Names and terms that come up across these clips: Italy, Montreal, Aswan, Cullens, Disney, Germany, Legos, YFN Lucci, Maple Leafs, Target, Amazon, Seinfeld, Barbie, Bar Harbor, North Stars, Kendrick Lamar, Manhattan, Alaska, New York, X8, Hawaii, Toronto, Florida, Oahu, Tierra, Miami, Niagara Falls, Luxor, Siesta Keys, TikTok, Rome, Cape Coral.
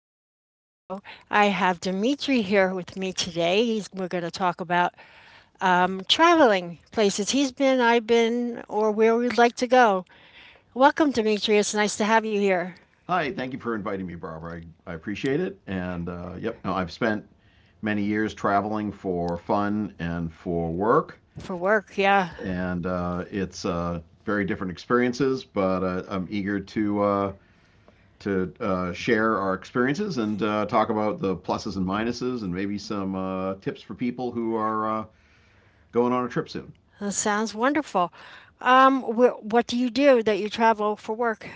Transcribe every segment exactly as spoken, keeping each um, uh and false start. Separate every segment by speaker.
Speaker 1: Jean's studio. I have Dimitri here with me today. He's, we're going to talk about um, traveling places he's been, I've been, or where we'd like to go. Welcome, Dimitri. It's nice to have you here
Speaker 2: Hi, thank you for inviting me, Barbara. I, I appreciate it. And uh, yep, no, I've spent many years traveling for fun and for work,
Speaker 1: for work. Yeah,
Speaker 2: and uh, it's uh, very different experiences. But uh, I'm eager to uh, to uh, share our experiences and uh, talk about the pluses and minuses, and maybe some uh, tips for people who are uh, going on a trip soon.
Speaker 1: that sounds wonderful. Um, wh- what do you do that you travel for work?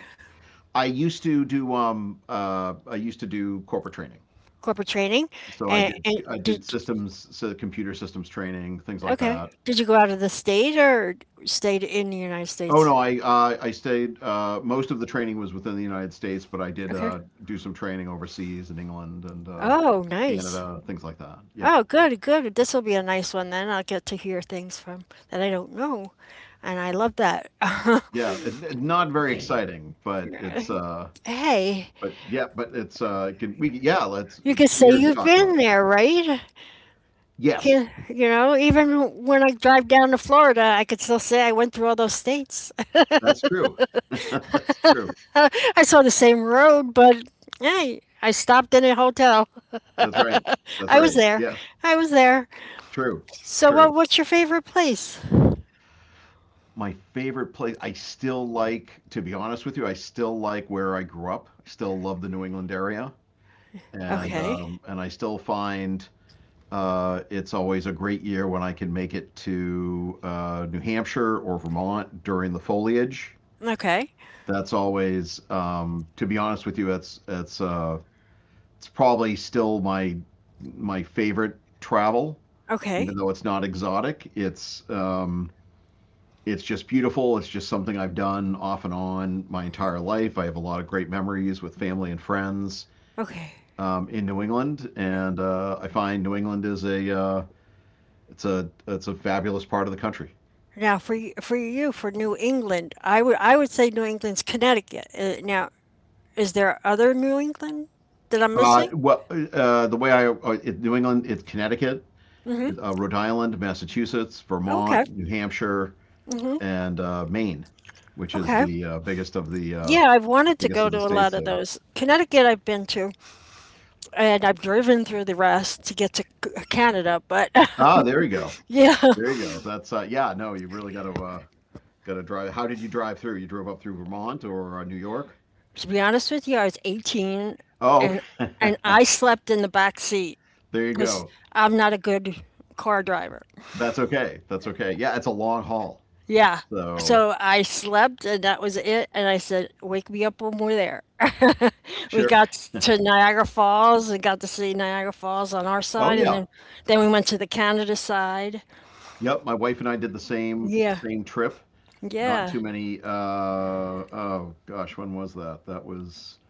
Speaker 2: I used to do um, uh, I used to do corporate training.
Speaker 1: Corporate training?
Speaker 2: So I
Speaker 1: And,
Speaker 2: did
Speaker 1: and
Speaker 2: I did
Speaker 1: did,
Speaker 2: systems, so computer systems training, things like
Speaker 1: okay.
Speaker 2: that.
Speaker 1: Did you go out of the state or stayed in the United
Speaker 2: Oh
Speaker 1: States?
Speaker 2: no, I uh, I stayed. Uh, most of the training was within the United States, but I did
Speaker 1: Okay.
Speaker 2: uh, do some training overseas in England and uh,
Speaker 1: Oh, nice.
Speaker 2: Canada, things like that. Yeah,
Speaker 1: Oh, good, good. This will be a nice one then. I'll get to hear things from that I don't know. And I love that.
Speaker 2: yeah, it, it- not very exciting, but it's uh,
Speaker 1: Hey,
Speaker 2: but yeah, but it's uh, can we yeah, let's
Speaker 1: you could say
Speaker 2: here to
Speaker 1: you've
Speaker 2: talk about
Speaker 1: been
Speaker 2: it.
Speaker 1: there, right?
Speaker 2: Yes,
Speaker 1: Can, you know, even when I drive down to Florida, I could still say I went through all those states.
Speaker 2: that's true. That's true.
Speaker 1: I saw the same road, but hey, I stopped in a hotel.
Speaker 2: That's right. That's
Speaker 1: I was
Speaker 2: right.
Speaker 1: there.
Speaker 2: Yeah,
Speaker 1: I was there.
Speaker 2: it's true. It's
Speaker 1: So,
Speaker 2: true.
Speaker 1: what, what's your favorite place?
Speaker 2: My favorite place, I still like, to be honest with you, I still like where I grew up. I still love the New England area, and
Speaker 1: Okay.
Speaker 2: um, and I still find uh, it's always a great year when I can make it to uh, New Hampshire or Vermont during the foliage.
Speaker 1: Okay.
Speaker 2: That's always um, to be honest with you, that's that's uh, it's probably still my my favorite travel,
Speaker 1: Okay.
Speaker 2: even though it's not exotic. It's um, it's just beautiful. It's just something I've done off and on my entire life. I have a lot of great memories with family and friends
Speaker 1: Okay.
Speaker 2: um, in New England, and uh, I find New England is a uh, it's a it's a fabulous part of the country.
Speaker 1: Now, for y- for you, for New England, I would I would say New England's Connecticut. Uh, Now, is there other New England that I'm
Speaker 2: Uh,
Speaker 1: missing?
Speaker 2: well, uh, the way I uh, it, New England, it's Connecticut,
Speaker 1: Hmm.
Speaker 2: uh, Rhode Island, Massachusetts,
Speaker 1: Okay.
Speaker 2: Vermont, New Hampshire,
Speaker 1: Hmm.
Speaker 2: and uh, Maine, which is
Speaker 1: Okay.
Speaker 2: the uh, biggest of the uh,
Speaker 1: Yeah, I've wanted to
Speaker 2: biggest
Speaker 1: go
Speaker 2: of the
Speaker 1: to a
Speaker 2: states
Speaker 1: lot of
Speaker 2: there.
Speaker 1: those. Connecticut, I've been to, and I've driven through the rest to get to C- Canada. But
Speaker 2: Ah, there you go,
Speaker 1: yeah,
Speaker 2: there you go. That's uh, Yeah, no, you really got to. Uh, Got to drive. How did you drive through? You drove up through Vermont or uh, New York?
Speaker 1: to be honest with you, I was eighteen,
Speaker 2: Oh, okay.
Speaker 1: and and I slept in the back seat
Speaker 2: There you
Speaker 1: because
Speaker 2: go.
Speaker 1: I'm not a good car driver.
Speaker 2: That's okay. That's okay. Yeah, it's a long haul.
Speaker 1: Yeah.
Speaker 2: So
Speaker 1: So I slept and that was it. And I said, wake me up when we're there. We
Speaker 2: sure.
Speaker 1: got to Niagara Falls and got to see Niagara Falls on our
Speaker 2: Oh
Speaker 1: side. And
Speaker 2: yeah.
Speaker 1: then, then we went to the Canada side.
Speaker 2: Yep. My wife and I did the same
Speaker 1: Yeah.
Speaker 2: same trip. Not
Speaker 1: Yeah.
Speaker 2: too many. Uh, oh gosh, when was that? That was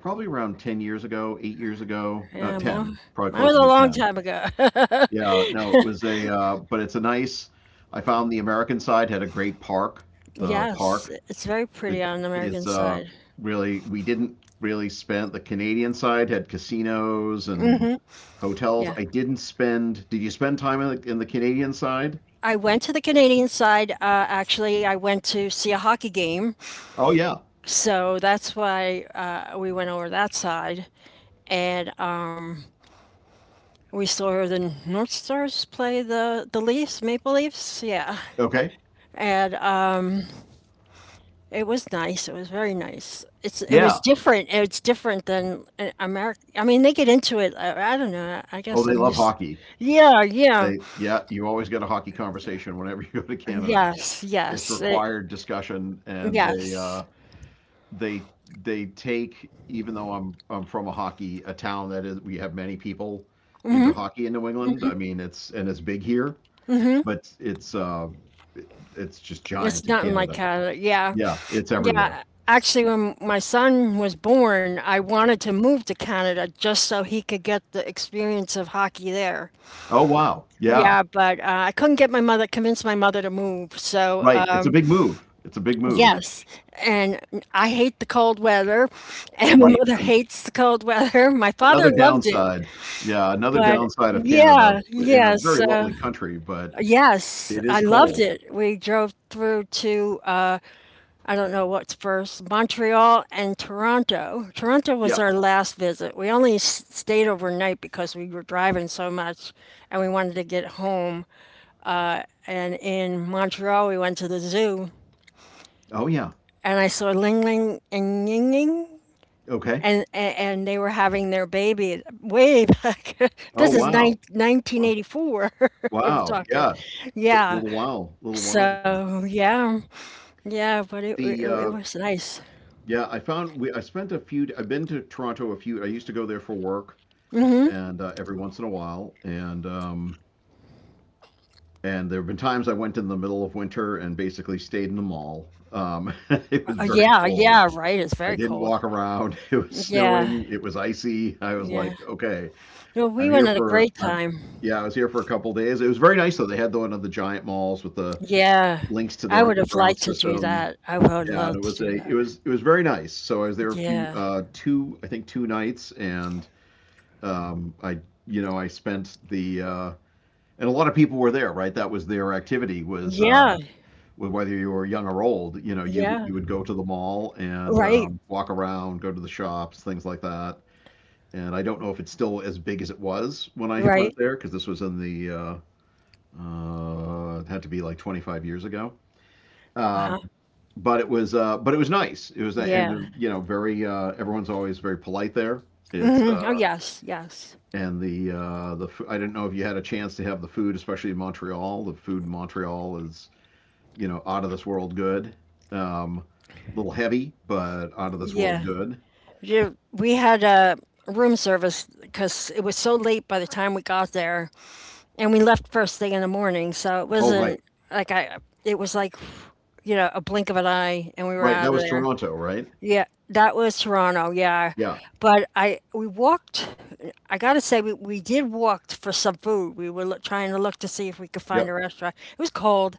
Speaker 2: probably around ten years ago, eight years ago.
Speaker 1: Yeah.
Speaker 2: Not
Speaker 1: Mine,
Speaker 2: ten. Probably
Speaker 1: Mine was
Speaker 2: closer
Speaker 1: a
Speaker 2: to
Speaker 1: long
Speaker 2: ten.
Speaker 1: time ago.
Speaker 2: Yeah. No, it was a. Uh, but it's a nice. I found the American side had a great park. The
Speaker 1: Yes.
Speaker 2: park
Speaker 1: It's very
Speaker 2: It
Speaker 1: pretty on the American
Speaker 2: is uh,
Speaker 1: side.
Speaker 2: Really, we didn't really spend, the Canadian side had casinos and hotels.
Speaker 1: Yeah.
Speaker 2: I didn't spend. Did you spend time in the, in the Canadian side?
Speaker 1: I went to the Canadian side. Uh, actually, I went to see a hockey game.
Speaker 2: Oh yeah.
Speaker 1: So that's why uh, we went over that side. And, um, we saw the, North Stars play the, the Leafs, Maple Leafs, yeah.
Speaker 2: Okay.
Speaker 1: And uh, it was nice. It was very nice. It's it was
Speaker 2: Yeah.
Speaker 1: different. It's different than America. I mean, they get into it. I, I don't know. I
Speaker 2: Oh,
Speaker 1: guess
Speaker 2: they
Speaker 1: I'm
Speaker 2: love
Speaker 1: used.
Speaker 2: hockey.
Speaker 1: Yeah, yeah,
Speaker 2: They, yeah. You always get a hockey conversation whenever you go to Canada.
Speaker 1: yes,
Speaker 2: It's
Speaker 1: yes, it,
Speaker 2: required discussion, and they
Speaker 1: yes.
Speaker 2: uh, they they take, even though I'm I'm from a hockey, a town that is, we have many people into hockey in New England. I mean, it's, and it's big here, but it's uh, it- it's just
Speaker 1: It's
Speaker 2: giant in
Speaker 1: nothing like
Speaker 2: Canada.
Speaker 1: Canada. Yeah,
Speaker 2: Yeah, it's everywhere.
Speaker 1: yeah. Actually, when my son was born, I wanted to move to Canada just so he could get the experience of hockey there.
Speaker 2: Oh wow, yeah,
Speaker 1: Yeah, but, uh, I couldn't get my mother convince my mother to move, so,
Speaker 2: right.
Speaker 1: uh,
Speaker 2: It's a big move. It's a big move.
Speaker 1: yes, and I hate the cold weather, and my
Speaker 2: Right.
Speaker 1: mother
Speaker 2: An
Speaker 1: hates the cold weather. My father
Speaker 2: another
Speaker 1: loved it,
Speaker 2: downside. Yeah, another
Speaker 1: but
Speaker 2: downside of Canada,
Speaker 1: yeah,
Speaker 2: in a
Speaker 1: yes,
Speaker 2: very
Speaker 1: uh,
Speaker 2: lovely country, but
Speaker 1: yes,
Speaker 2: it is
Speaker 1: I loved
Speaker 2: cold.
Speaker 1: it. We drove through to, uh, I don't know what's first, Montreal and Toronto. Toronto was
Speaker 2: Yeah.
Speaker 1: our last visit. We only s stayed overnight because we were driving so much and we wanted to get home. And in Montreal, we went to the zoo,
Speaker 2: Oh yeah.
Speaker 1: and I saw Ling Ling and Ying Ying,
Speaker 2: Okay.
Speaker 1: and and, and they were having their baby way back.
Speaker 2: Oh
Speaker 1: This is
Speaker 2: wow.
Speaker 1: nine nineteen
Speaker 2: Wow.
Speaker 1: eighty-four, I'm
Speaker 2: Wow.
Speaker 1: talking,
Speaker 2: Yeah. So it's a
Speaker 1: yeah.
Speaker 2: little while, little while ago.
Speaker 1: So yeah, yeah, but it it,
Speaker 2: The
Speaker 1: it
Speaker 2: uh,
Speaker 1: was nice.
Speaker 2: Yeah, I found we, I spent a few. I've been to Toronto a few. I used to go there for work, and uh, every once in a while, and um, and there have been times I went in the middle of winter and basically stayed in the mall. Um, it was
Speaker 1: Uh,
Speaker 2: very
Speaker 1: yeah,
Speaker 2: cold.
Speaker 1: yeah, right. It's
Speaker 2: I
Speaker 1: very
Speaker 2: didn't
Speaker 1: cold.
Speaker 2: walk around. It was
Speaker 1: Yeah,
Speaker 2: snowing. It was icy. I was
Speaker 1: yeah.
Speaker 2: like, okay,
Speaker 1: No, we
Speaker 2: I'm here
Speaker 1: went at a
Speaker 2: for.
Speaker 1: great
Speaker 2: I,
Speaker 1: time.
Speaker 2: yeah, I was here for a couple days. It was very nice though. They had the one of the giant malls with the
Speaker 1: Yeah.
Speaker 2: links to
Speaker 1: I
Speaker 2: their
Speaker 1: would have
Speaker 2: underground
Speaker 1: liked to do
Speaker 2: system.
Speaker 1: that. I would have
Speaker 2: Yeah, and it
Speaker 1: loved to
Speaker 2: was
Speaker 1: do
Speaker 2: a it
Speaker 1: that.
Speaker 2: was it was very nice. So I was there a few
Speaker 1: Yeah.
Speaker 2: uh, two, I think two, nights, and um, I, you know, I spent the uh, and a lot of people were there, right? That was their activity was uh,
Speaker 1: Yeah.
Speaker 2: whether you were young or old. You know, you
Speaker 1: Yeah.
Speaker 2: you would go to the mall and
Speaker 1: Right,
Speaker 2: um, walk around, go to the shops, things like that. And I don't know if it's still as big as it was when I went
Speaker 1: right.
Speaker 2: there, because this was in the uh, uh, it had to be like twenty-five years ago. Um,
Speaker 1: Uh-huh.
Speaker 2: but it was uh, but it was nice. It was uh, and uh,
Speaker 1: Yeah.
Speaker 2: you know, very uh, everyone's always very polite there. It's
Speaker 1: Mhm. Oh,
Speaker 2: uh,
Speaker 1: yes, yes.
Speaker 2: And the uh, the f- I didn't know if you had a chance to have the food, especially in Montreal. The food in Montreal is, you know, out of this world good. Um, a little heavy, but out of this world
Speaker 1: Yeah.
Speaker 2: good.
Speaker 1: Ju- We had a room service because it was so late by the time we got there, and we left first thing in the morning, so it
Speaker 2: Oh,
Speaker 1: wasn't
Speaker 2: right,
Speaker 1: like I. It was like, you know, a blink of an eye, and we were
Speaker 2: right.
Speaker 1: out
Speaker 2: That
Speaker 1: of
Speaker 2: was
Speaker 1: there.
Speaker 2: Toronto, right?
Speaker 1: Yeah, that was Toronto. Yeah,
Speaker 2: Yeah.
Speaker 1: but I we walked. I gotta say we, we did walk for some food. We were look, trying to look to see if we could find a
Speaker 2: Yep.
Speaker 1: restaurant. It was cold.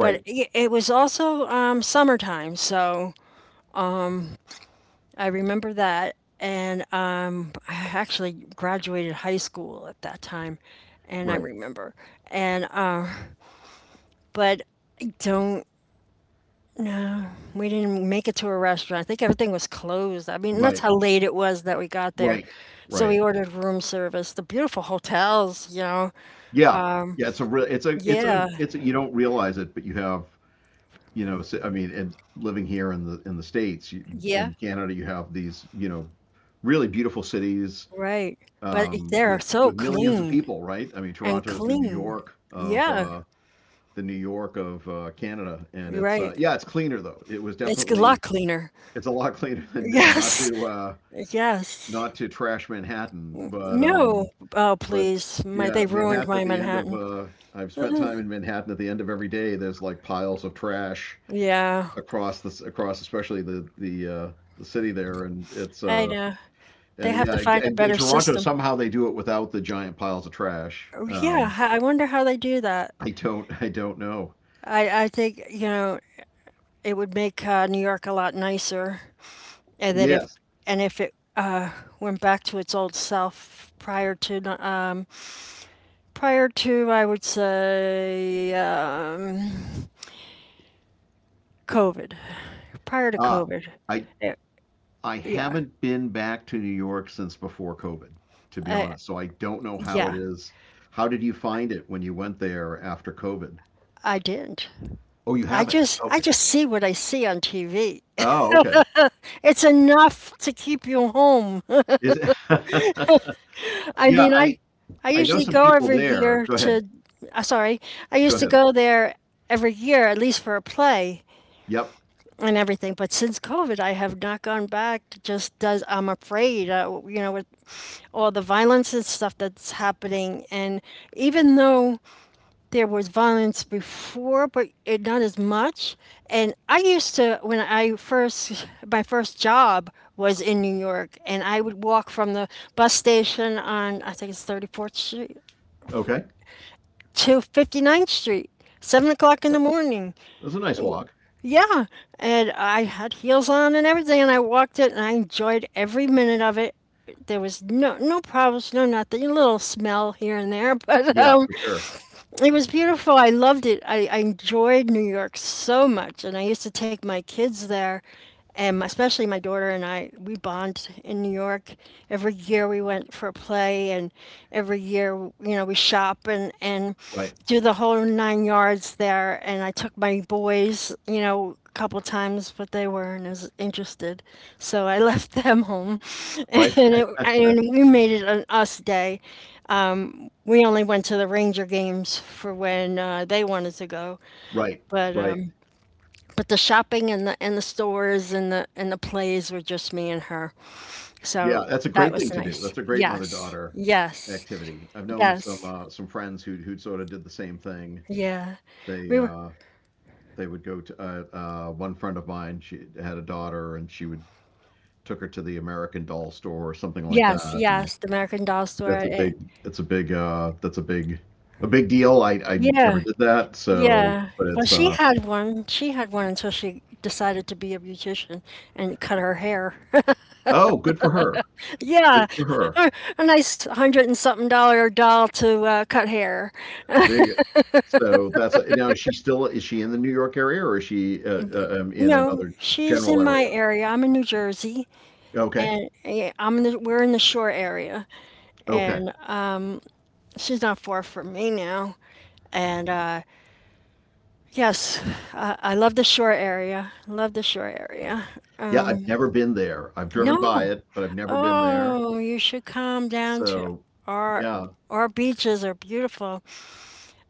Speaker 1: But it, it was also um, summertime, so I remember that. And um, I actually graduated high school at that time, and I
Speaker 2: Right.
Speaker 1: remember. And uh, but I don't know. We didn't make it to a restaurant. I think everything was closed. I mean, that's
Speaker 2: Right.
Speaker 1: how late it was that we got there.
Speaker 2: Right.
Speaker 1: So we
Speaker 2: Right.
Speaker 1: ordered room service. The beautiful hotels, you know.
Speaker 2: Yeah. Yeah. It's a real. It's a. It's a.
Speaker 1: Yeah,
Speaker 2: It's a. You don't realize it, but you have. You know. s- I mean, and living here in the in the states, you,
Speaker 1: yeah,
Speaker 2: in Canada, you have these. You know, really beautiful cities
Speaker 1: right. But
Speaker 2: um,
Speaker 1: they're
Speaker 2: with
Speaker 1: so
Speaker 2: with millions of
Speaker 1: clean
Speaker 2: people, right? I mean,
Speaker 1: and
Speaker 2: Toronto is the New
Speaker 1: clean.
Speaker 2: York of
Speaker 1: Yeah,
Speaker 2: uh, the New York of uh, Canada, and
Speaker 1: you're
Speaker 2: it's uh,
Speaker 1: right.
Speaker 2: yeah, it's cleaner though. It was
Speaker 1: It's a lot
Speaker 2: definitely,
Speaker 1: cleaner.
Speaker 2: it's a lot cleaner than uh, not
Speaker 1: Yes,
Speaker 2: to uh,
Speaker 1: yes.
Speaker 2: not to trash Manhattan, but
Speaker 1: No,
Speaker 2: um,
Speaker 1: oh
Speaker 2: but
Speaker 1: please, my
Speaker 2: yeah,
Speaker 1: they ruined
Speaker 2: Manhattan
Speaker 1: my
Speaker 2: at the end of
Speaker 1: Manhattan.
Speaker 2: uh, I've spent time in Manhattan at the end of every day. There's like piles of trash
Speaker 1: Yeah,
Speaker 2: across this, across, especially the the uh, the city there, and it's
Speaker 1: I
Speaker 2: uh,
Speaker 1: know. They
Speaker 2: and
Speaker 1: have to
Speaker 2: yeah,
Speaker 1: find a
Speaker 2: in, in
Speaker 1: better
Speaker 2: Toronto
Speaker 1: system.
Speaker 2: somehow they do it without the giant piles of trash.
Speaker 1: Yeah,
Speaker 2: Um,
Speaker 1: h- I wonder how they do that.
Speaker 2: I don't I don't know.
Speaker 1: I I think, you know, it would make uh, New York a lot nicer, and that if
Speaker 2: Yes.
Speaker 1: and if it uh, went back to its old self prior to no, um, prior to, I would say, um, COVID, prior to
Speaker 2: Ah,
Speaker 1: COVID.
Speaker 2: I
Speaker 1: It-
Speaker 2: I
Speaker 1: yeah.
Speaker 2: haven't been back to New York since before COVID, to be
Speaker 1: I
Speaker 2: honest. So I don't know how it
Speaker 1: Yeah,
Speaker 2: is. How did you find it when you went there after COVID?
Speaker 1: I did not.
Speaker 2: Oh, you
Speaker 1: I
Speaker 2: haven't.
Speaker 1: just I
Speaker 2: Okay.
Speaker 1: just see what I see on T V.
Speaker 2: Oh, okay.
Speaker 1: It's enough to keep you home.
Speaker 2: Is it?
Speaker 1: I
Speaker 2: Yeah,
Speaker 1: mean,
Speaker 2: I
Speaker 1: I I
Speaker 2: I know
Speaker 1: usually
Speaker 2: some
Speaker 1: go
Speaker 2: people
Speaker 1: every
Speaker 2: there.
Speaker 1: year
Speaker 2: Go ahead.
Speaker 1: to uh, sorry, I
Speaker 2: Go
Speaker 1: used to
Speaker 2: ahead.
Speaker 1: go there every year at least for a play
Speaker 2: Yep.
Speaker 1: and everything, but since COVID I have not gone back. Just does I'm afraid, uh, you know, with all the violence and stuff that's happening, and even though there was violence before, but it not as much. And I used to, when I first, my first job was in New York, and I would walk from the bus station on, I think it's thirty-fourth Street
Speaker 2: Okay.
Speaker 1: to 59th Street, seven o'clock in the
Speaker 2: Right.
Speaker 1: morning.
Speaker 2: That's a nice walk.
Speaker 1: Yeah. And I had heels on and everything, and I walked it, and I enjoyed every minute of it. There was no no problems, no nothing. A little smell here and there, but
Speaker 2: Yeah,
Speaker 1: um,
Speaker 2: for sure.
Speaker 1: it was beautiful. I loved it. I, I enjoyed New York so much, and I used to take my kids there, and my- especially my daughter and I. We bond in New York. Every year we went for a play, and every year, you know, we shop and and
Speaker 2: Right.
Speaker 1: do the whole nine yards there. And I took my boys, you know, a couple times, but they weren't as interested, so I left them home,
Speaker 2: Right.
Speaker 1: and it and we made it an us day. We only went to the Ranger games for when uh, they wanted to go,
Speaker 2: Right.
Speaker 1: but
Speaker 2: Right.
Speaker 1: um, but the shopping and the and the stores and the and the plays were just me and her.
Speaker 2: Yeah,
Speaker 1: So
Speaker 2: that's a
Speaker 1: that
Speaker 2: great
Speaker 1: was
Speaker 2: thing to do.
Speaker 1: nice.
Speaker 2: That's a great
Speaker 1: Yes,
Speaker 2: mother-daughter
Speaker 1: yes,
Speaker 2: activity. I've known some
Speaker 1: yes,
Speaker 2: uh, some friends who who sort of did the same thing.
Speaker 1: yeah.
Speaker 2: They
Speaker 1: We were
Speaker 2: uh, they would go to uh, uh, one friend of mine. She had a daughter, and she would took her to the American Doll store or something like
Speaker 1: yes,
Speaker 2: that. And
Speaker 1: yes. The American Doll
Speaker 2: that's
Speaker 1: store.
Speaker 2: a
Speaker 1: Eh,
Speaker 2: big. that's a big. Uh, that's a big. A big deal. I I never
Speaker 1: yeah,
Speaker 2: did that. So,
Speaker 1: yeah.
Speaker 2: but
Speaker 1: Well,
Speaker 2: it's.
Speaker 1: she
Speaker 2: Uh,
Speaker 1: had one. She had one until she decided to be a beautician and cut her hair.
Speaker 2: oh, good for her. Good
Speaker 1: Yeah,
Speaker 2: for her.
Speaker 1: a, a nice hundred and something dollar doll to uh, cut hair.
Speaker 2: There you go. So that's now. Is she still? Is she in the New York area, or is she uh, uh, um, in
Speaker 1: No,
Speaker 2: another
Speaker 1: she's
Speaker 2: general
Speaker 1: in my
Speaker 2: area?
Speaker 1: area. I'm in New Jersey,
Speaker 2: Okay.
Speaker 1: and eh, I'm in the, we're in the shore area,
Speaker 2: Okay.
Speaker 1: and um, she's not far from me now. And uh, yes, I, I love the shore area. Love the shore area.
Speaker 2: Yeah, I've never been there. I've driven by
Speaker 1: No,
Speaker 2: it, but I've never been there.
Speaker 1: oh, you should come down to
Speaker 2: So,
Speaker 1: our
Speaker 2: yeah,
Speaker 1: our beaches are beautiful.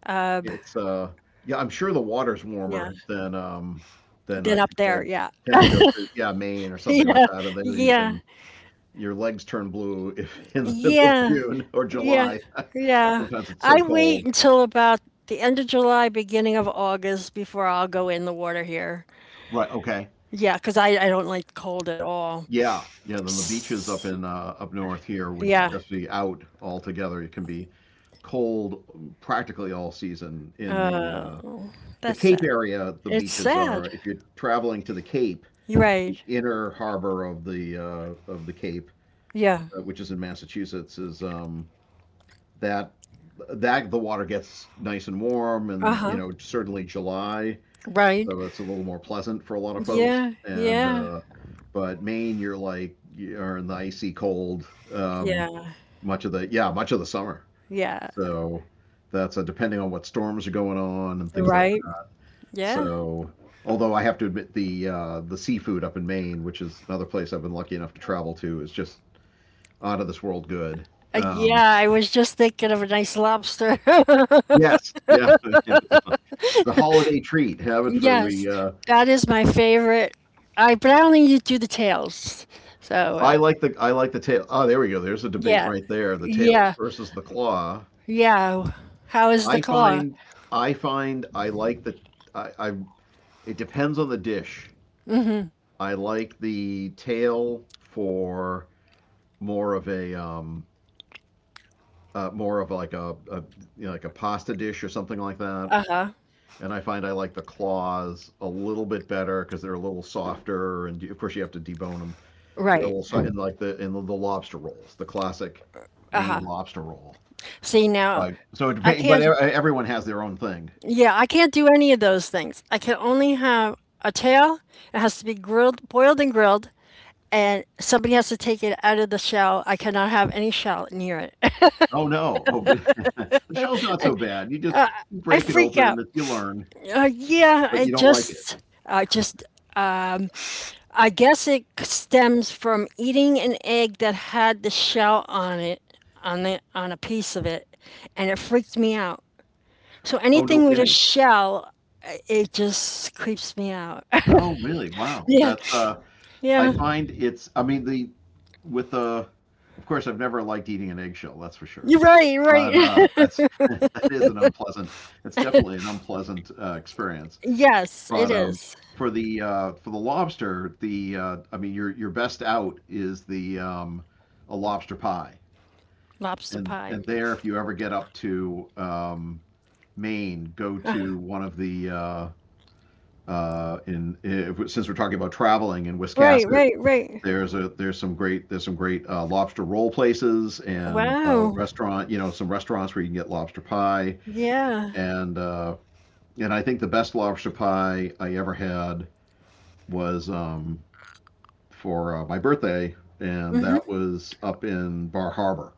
Speaker 1: Uh,
Speaker 2: It's uh yeah, I'm sure the water's
Speaker 1: yeah,
Speaker 2: warmer than um than
Speaker 1: then
Speaker 2: I,
Speaker 1: up
Speaker 2: because
Speaker 1: there,
Speaker 2: I
Speaker 1: yeah,
Speaker 2: tend to go to, yeah, Maine or something like
Speaker 1: yeah,
Speaker 2: that, and there you
Speaker 1: yeah,
Speaker 2: can, your legs turn blue if in the middle of
Speaker 1: yeah.
Speaker 2: June or
Speaker 1: Yeah,
Speaker 2: July.
Speaker 1: yeah.
Speaker 2: Sometimes it's so
Speaker 1: I wait
Speaker 2: cold.
Speaker 1: until about the end of July, beginning of August before I'll go in the water here.
Speaker 2: Right, okay.
Speaker 1: Yeah, 'cause I, I don't like cold at all.
Speaker 2: Yeah. Yeah, then the beaches up
Speaker 1: S-
Speaker 2: in uh up north here would
Speaker 1: Yeah,
Speaker 2: just be out altogether. It can be cold practically all season in the
Speaker 1: uh,
Speaker 2: uh
Speaker 1: that's
Speaker 2: the
Speaker 1: sad.
Speaker 2: Cape area, the
Speaker 1: It's
Speaker 2: beaches
Speaker 1: sad.
Speaker 2: are, if you're traveling to the Cape,
Speaker 1: You're
Speaker 2: the
Speaker 1: right.
Speaker 2: inner harbor of the uh, of the Cape,
Speaker 1: Yeah.
Speaker 2: uh, which is in Massachusetts, is um, that that the water gets nice and warm, and you
Speaker 1: Uh-huh.
Speaker 2: know certainly July,
Speaker 1: Right.
Speaker 2: so it's a little more pleasant for a lot of folks.
Speaker 1: Yeah,
Speaker 2: And
Speaker 1: yeah,
Speaker 2: uh, but Maine, you're like you're in the icy cold um,
Speaker 1: yeah,
Speaker 2: much of the, yeah, much of the summer.
Speaker 1: yeah.
Speaker 2: So that's uh, depending on what storms are going on and things like.
Speaker 1: Right. Yeah.
Speaker 2: So, although I have to admit the uh, the seafood up in Maine, which is another place I've been lucky enough to travel to, is just out of this world good.
Speaker 1: Uh,
Speaker 2: Um,
Speaker 1: yeah, I was just thinking of a nice lobster.
Speaker 2: yes, yeah, it's a holiday treat. Have it for
Speaker 1: Yes,
Speaker 2: we. Uh,
Speaker 1: that is my favorite. I but I only do the tails. So uh,
Speaker 2: I like the I like the tail. Oh, there we go. There's a debate
Speaker 1: yeah,
Speaker 2: right there. The tails
Speaker 1: yeah,
Speaker 2: versus the claw.
Speaker 1: yeah. How is the
Speaker 2: I
Speaker 1: claw?
Speaker 2: find I find I like the I, I it depends on the dish. I like the tail for more of a um, uh, more of like a, a, you know, like a pasta dish or something like that. And I find I like the claws a little bit better, because they're a little softer, and of course you have to debone them. They're a
Speaker 1: Right.
Speaker 2: little so- And like the in the lobster rolls, the classic Maine lobster roll.
Speaker 1: See
Speaker 2: So
Speaker 1: now,
Speaker 2: I so it
Speaker 1: I
Speaker 2: depends, but e-
Speaker 1: can't.
Speaker 2: everyone has their own thing.
Speaker 1: Yeah, I can't do any of those things. I can only have a tail. It has to be grilled, boiled, and grilled, and somebody has to take it out of the shell. I cannot have any shell near it.
Speaker 2: Oh no, oh the shell's not so bad. You just you
Speaker 1: I
Speaker 2: break it
Speaker 1: freak
Speaker 2: open,
Speaker 1: out.
Speaker 2: you learn,
Speaker 1: Uh, yeah,
Speaker 2: but
Speaker 1: I
Speaker 2: you don't like it.
Speaker 1: just, I just. Uh, I guess it stems from eating an egg that had the shell on it, on the on a piece of it, and it freaked me out. So
Speaker 2: Oh, no
Speaker 1: anything with a
Speaker 2: kidding.
Speaker 1: shell, it just creeps me out.
Speaker 2: Oh really? Wow,
Speaker 1: Yeah,
Speaker 2: that's uh I
Speaker 1: yeah.
Speaker 2: find it's. I mean the with the. Of course, I've never liked eating an eggshell. That's for sure.
Speaker 1: You're right, right.
Speaker 2: But uh, that's that is an unpleasant. It's definitely an unpleasant uh, experience.
Speaker 1: Yes, it
Speaker 2: But um,
Speaker 1: is.
Speaker 2: For the uh, for the lobster, the uh, I mean your your best out is the um, a lobster pie.
Speaker 1: Lobster
Speaker 2: And
Speaker 1: pie.
Speaker 2: and there, if you ever get up to um, Maine, go to one of the uh, uh, in if, since we're talking about traveling in
Speaker 1: Right,
Speaker 2: Wiscasset,
Speaker 1: right, right.
Speaker 2: there's a there's some great there's some great uh, lobster roll places, and uh,
Speaker 1: Wow.
Speaker 2: restaurant, you know, some restaurants where you can get lobster pie,
Speaker 1: Yeah.
Speaker 2: and uh, and I think the best lobster pie I ever had was um, for uh, my birthday, and
Speaker 1: Mm-hmm.
Speaker 2: that was up in Bar Harbor.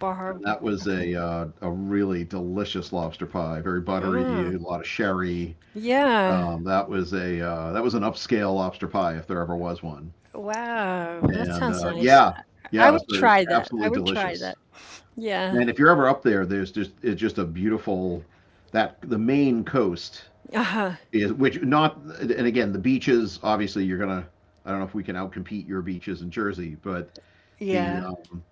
Speaker 1: Bar
Speaker 2: And
Speaker 1: Harbor.
Speaker 2: that was
Speaker 1: Okay.
Speaker 2: a uh, a really delicious lobster pie, very buttery,
Speaker 1: Wow.
Speaker 2: a lot of sherry.
Speaker 1: Yeah.
Speaker 2: Um, that was a uh, that was an upscale lobster pie if there ever was one.
Speaker 1: Wow. That
Speaker 2: And
Speaker 1: sounds
Speaker 2: uh,
Speaker 1: nice.
Speaker 2: yeah
Speaker 1: I
Speaker 2: yeah
Speaker 1: I
Speaker 2: it was
Speaker 1: would
Speaker 2: uh,
Speaker 1: try that. I
Speaker 2: absolutely
Speaker 1: would try
Speaker 2: delicious.
Speaker 1: that. Yeah.
Speaker 2: And if you're ever up there, there's just it's just a beautiful — that the main coast
Speaker 1: Uh-huh.
Speaker 2: is — which not and again, the beaches, obviously you're gonna — I don't know if we can outcompete your beaches in Jersey, but the
Speaker 1: Yeah.
Speaker 2: um,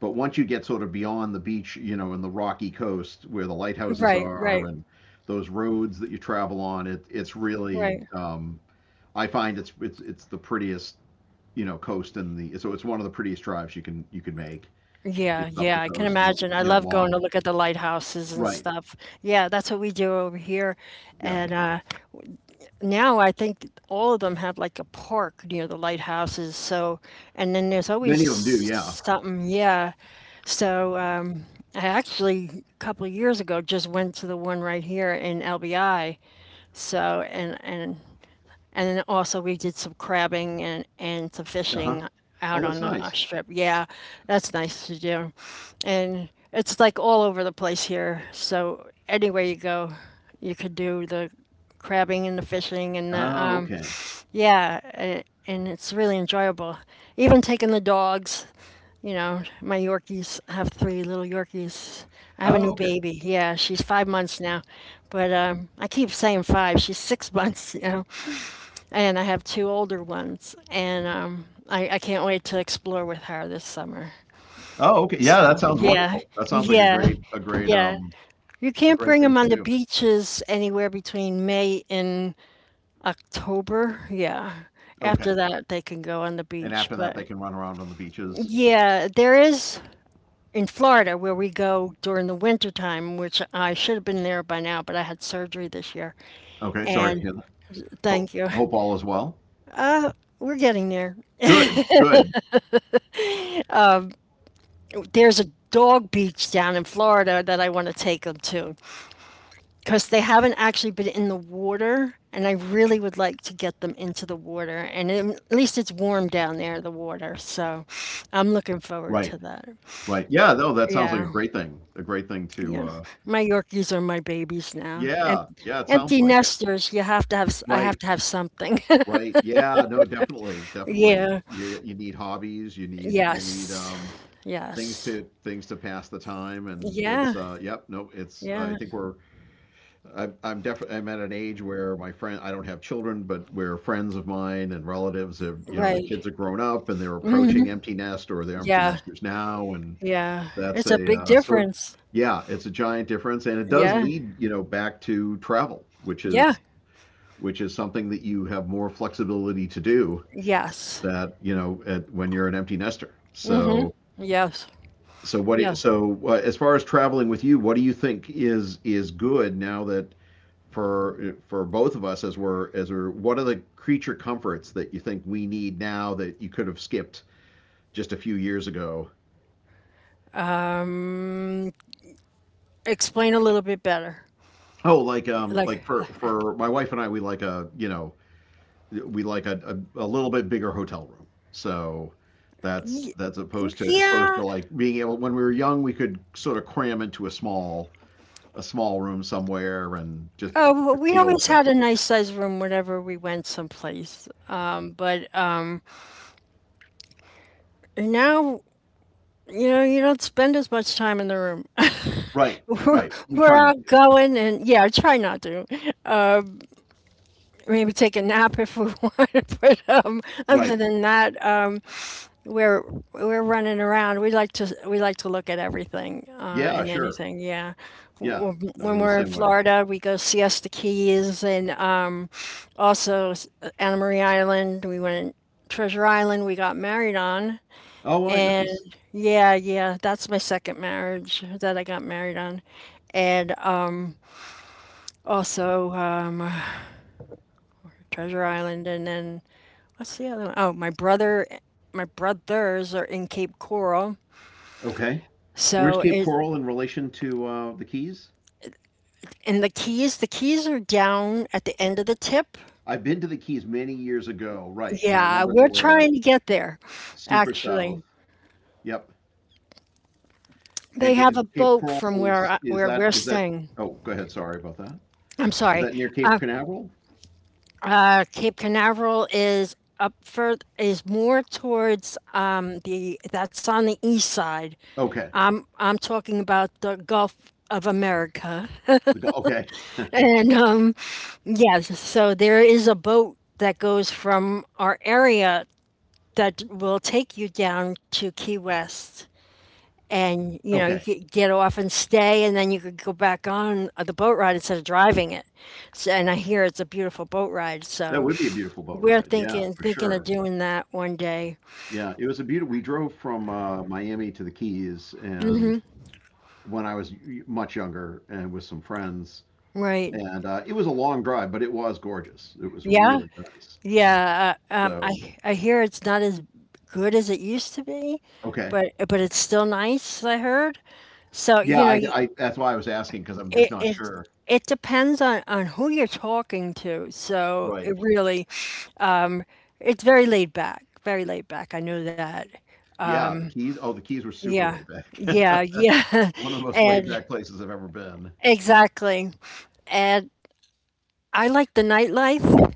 Speaker 2: but once you get sort of beyond the beach, you know, and the rocky coast where the
Speaker 1: Right,
Speaker 2: lighthouses
Speaker 1: right,
Speaker 2: are, and those roads that you travel on, it it's
Speaker 1: right.
Speaker 2: really um, I find it's it's it's the prettiest, you know, coast in the so it's one of the prettiest drives you can you can make.
Speaker 1: Yeah,
Speaker 2: It's up
Speaker 1: yeah,
Speaker 2: the
Speaker 1: I can
Speaker 2: coast, you
Speaker 1: imagine. I
Speaker 2: know,
Speaker 1: love going to
Speaker 2: long
Speaker 1: look at the lighthouses and
Speaker 2: right.
Speaker 1: stuff. Yeah, that's what we do over here.
Speaker 2: Yeah.
Speaker 1: And uh, now I think all of them have like a park near the lighthouses. So, and then there's always
Speaker 2: Many of them do. Yeah.
Speaker 1: something. Yeah. So, um, I actually a couple of years ago just went to the one right here in L B I. So, and and And then also we did some crabbing and, and some
Speaker 2: Uh-huh.
Speaker 1: fishing
Speaker 2: Oh,
Speaker 1: out on
Speaker 2: that's
Speaker 1: the uh,
Speaker 2: nice.
Speaker 1: strip. Yeah, that's nice to do. And it's like all over the place here. So anywhere you go, you could do the crabbing and the fishing and the,
Speaker 2: Oh,
Speaker 1: um,
Speaker 2: okay.
Speaker 1: yeah, a- and it's really enjoyable. Even taking the dogs, you know, my Yorkies, I have three little Yorkies. I have a
Speaker 2: Oh,
Speaker 1: new
Speaker 2: okay.
Speaker 1: baby. Yeah, she's five months now, but um, I keep saying five. She's six months. You know, and I have two older ones, and um, I, I can't wait to explore with her this summer.
Speaker 2: Oh, okay. Yeah, that
Speaker 1: So
Speaker 2: sounds
Speaker 1: yeah,
Speaker 2: wonderful. That sounds like a
Speaker 1: yeah,
Speaker 2: great, a great,
Speaker 1: yeah.
Speaker 2: um,
Speaker 1: You
Speaker 2: a
Speaker 1: can't
Speaker 2: great
Speaker 1: bring
Speaker 2: thing
Speaker 1: them
Speaker 2: to
Speaker 1: on the
Speaker 2: do.
Speaker 1: beaches anywhere between May and October. Yeah. After
Speaker 2: Okay.
Speaker 1: that, they can go on the
Speaker 2: And
Speaker 1: beach.
Speaker 2: after that,
Speaker 1: But
Speaker 2: they can run around on the beaches.
Speaker 1: yeah, there is in Florida where we go during the winter time, which I should have been there by now, but I had surgery this year.
Speaker 2: Okay. Sorry to
Speaker 1: And
Speaker 2: hear that. Hope,
Speaker 1: thank you.
Speaker 2: hope all is well.
Speaker 1: We're getting there.
Speaker 2: Good. Good.
Speaker 1: There's a dog beach down in Florida that I want to take them to because they haven't actually been in the water, and I really would like to get them into the water. And it, at least it's warm down there, the water. So I'm looking forward
Speaker 2: Right.
Speaker 1: to that.
Speaker 2: Right. Yeah. No, that sounds like a
Speaker 1: Yeah,
Speaker 2: great thing. A great thing to,
Speaker 1: yeah.
Speaker 2: uh,
Speaker 1: My Yorkies are my babies now. Em-
Speaker 2: yeah. Yeah. It sounds
Speaker 1: empty
Speaker 2: like it.
Speaker 1: nesters. You have to have. s- I have
Speaker 2: Right.
Speaker 1: to have something.
Speaker 2: Right. Yeah. No, definitely. Definitely. It's,
Speaker 1: Yeah.
Speaker 2: you, you need hobbies. You need, you need,
Speaker 1: Yes.
Speaker 2: um, things
Speaker 1: Yes.
Speaker 2: to things to pass the time, and it's
Speaker 1: Yeah.
Speaker 2: uh yep. No, it's uh, I
Speaker 1: Yeah.
Speaker 2: think we're — I, I'm definitely, I'm at an age where my friend I don't have children, but where friends of mine and relatives have, you know, their
Speaker 1: Right.
Speaker 2: kids have grown up, and they're approaching empty nest, or they're empty
Speaker 1: Yeah.
Speaker 2: nesters now, and
Speaker 1: Yeah.
Speaker 2: that's
Speaker 1: It's a
Speaker 2: a
Speaker 1: big
Speaker 2: uh, so
Speaker 1: difference.
Speaker 2: yeah, it's a giant difference, and it does
Speaker 1: Yeah.
Speaker 2: lead, you know, back to travel, which
Speaker 1: Yeah.
Speaker 2: is — which is something that you have more flexibility to do,
Speaker 1: Yes.
Speaker 2: that you know at, when you're an empty nester, so —
Speaker 1: Yes.
Speaker 2: So what?
Speaker 1: Yeah.
Speaker 2: Do So uh, as far as traveling with you, what do you think is is good now that — for for both of us, as we're — as we're what are the creature comforts that you think we need now that you could have skipped just a few years ago?
Speaker 1: Um, explain a little bit better.
Speaker 2: Oh, like um
Speaker 1: Like,
Speaker 2: like for for my wife and I, we like a, you know, we like a a, a little bit bigger hotel room. So that's
Speaker 1: y-
Speaker 2: that's opposed to — as opposed
Speaker 1: yeah.
Speaker 2: to like being able, when we were young, we could sort of cram into a small a small room somewhere, and just
Speaker 1: Uh, w-
Speaker 2: just
Speaker 1: we
Speaker 2: deal with
Speaker 1: always
Speaker 2: it.
Speaker 1: had a nice size room whenever we went someplace. Um, but um, Now, you know, you don't spend as much time in the room.
Speaker 2: Right,
Speaker 1: We're,
Speaker 2: right. We
Speaker 1: we're
Speaker 2: try not
Speaker 1: out
Speaker 2: to.
Speaker 1: going and, yeah, I try not to. Maybe take a nap if we want, but um,
Speaker 2: Right.
Speaker 1: other than that, um, we're we're running around. We like to we like to look at everything uh,
Speaker 2: Yeah,
Speaker 1: and
Speaker 2: sure.
Speaker 1: anything. Yeah.
Speaker 2: Yeah. No,
Speaker 1: When
Speaker 2: we're the
Speaker 1: we're in
Speaker 2: same way.
Speaker 1: Florida, we go Siesta Keys and um, also s- Anna Marie Island. We went Treasure Island. We got married on,
Speaker 2: Oh, right,
Speaker 1: and
Speaker 2: nice.
Speaker 1: yeah, yeah, that's my second marriage that I got married on, and um, also um, Treasure Island, and then what's the other one? Oh, my brother, my brothers are in Cape Coral.
Speaker 2: Okay. Where's
Speaker 1: So
Speaker 2: Cape
Speaker 1: it,
Speaker 2: Coral in relation to uh, the Keys?
Speaker 1: and the keys, the keys are down at the end of the tip.
Speaker 2: I've been to the Keys many years ago, right, and I
Speaker 1: Yeah,
Speaker 2: remember they
Speaker 1: we're
Speaker 2: were like
Speaker 1: trying to get there,
Speaker 2: super south.
Speaker 1: actually.
Speaker 2: Yep. And,
Speaker 1: They have a
Speaker 2: and Cape
Speaker 1: boat
Speaker 2: Coral
Speaker 1: from where
Speaker 2: is
Speaker 1: I,
Speaker 2: is
Speaker 1: where
Speaker 2: that
Speaker 1: we're
Speaker 2: is that?
Speaker 1: staying.
Speaker 2: Oh, go ahead, sorry about that.
Speaker 1: I'm
Speaker 2: Is
Speaker 1: sorry.
Speaker 2: that near Cape
Speaker 1: Uh,
Speaker 2: Canaveral?
Speaker 1: uh, Cape Canaveral is up fur is more towards um, the that's on the east side.
Speaker 2: Okay.
Speaker 1: I'm I'm talking about the Gulf of America,
Speaker 2: The go- okay.
Speaker 1: and um, yes, so there is a boat that goes from our area that will take you down to Key West. And you know, you
Speaker 2: Okay.
Speaker 1: could get off and stay, and then you could go back on the boat ride instead of driving it. So, and I hear it's a beautiful boat ride.
Speaker 2: That
Speaker 1: So
Speaker 2: would be a beautiful boat
Speaker 1: we're
Speaker 2: ride. Yeah,
Speaker 1: thinking
Speaker 2: for
Speaker 1: thinking of
Speaker 2: sure.
Speaker 1: doing that one day,
Speaker 2: Yeah, it was a beautiful. We drove from uh, Miami to the Keys, and when I was much younger and with some friends.
Speaker 1: right?
Speaker 2: And uh, it was a long drive, but it was gorgeous. It was
Speaker 1: Yeah,
Speaker 2: really nice.
Speaker 1: yeah. Uh, um, I
Speaker 2: So,
Speaker 1: I hear it's not as good as it used to be,
Speaker 2: okay.
Speaker 1: but but it's still nice. I heard. So
Speaker 2: Yeah,
Speaker 1: you know,
Speaker 2: I, I that's why I was asking, because I'm just
Speaker 1: it
Speaker 2: not
Speaker 1: it
Speaker 2: sure.
Speaker 1: it depends on on who you're talking to. So
Speaker 2: Right.
Speaker 1: it really, it's very laid back, very laid back. I know that.
Speaker 2: Yeah, the Keys. Oh, the Keys were super
Speaker 1: Yeah.
Speaker 2: laid back.
Speaker 1: Yeah, yeah.
Speaker 2: One of the most laid
Speaker 1: And
Speaker 2: back places I've ever been.
Speaker 1: exactly. And I like the nightlife,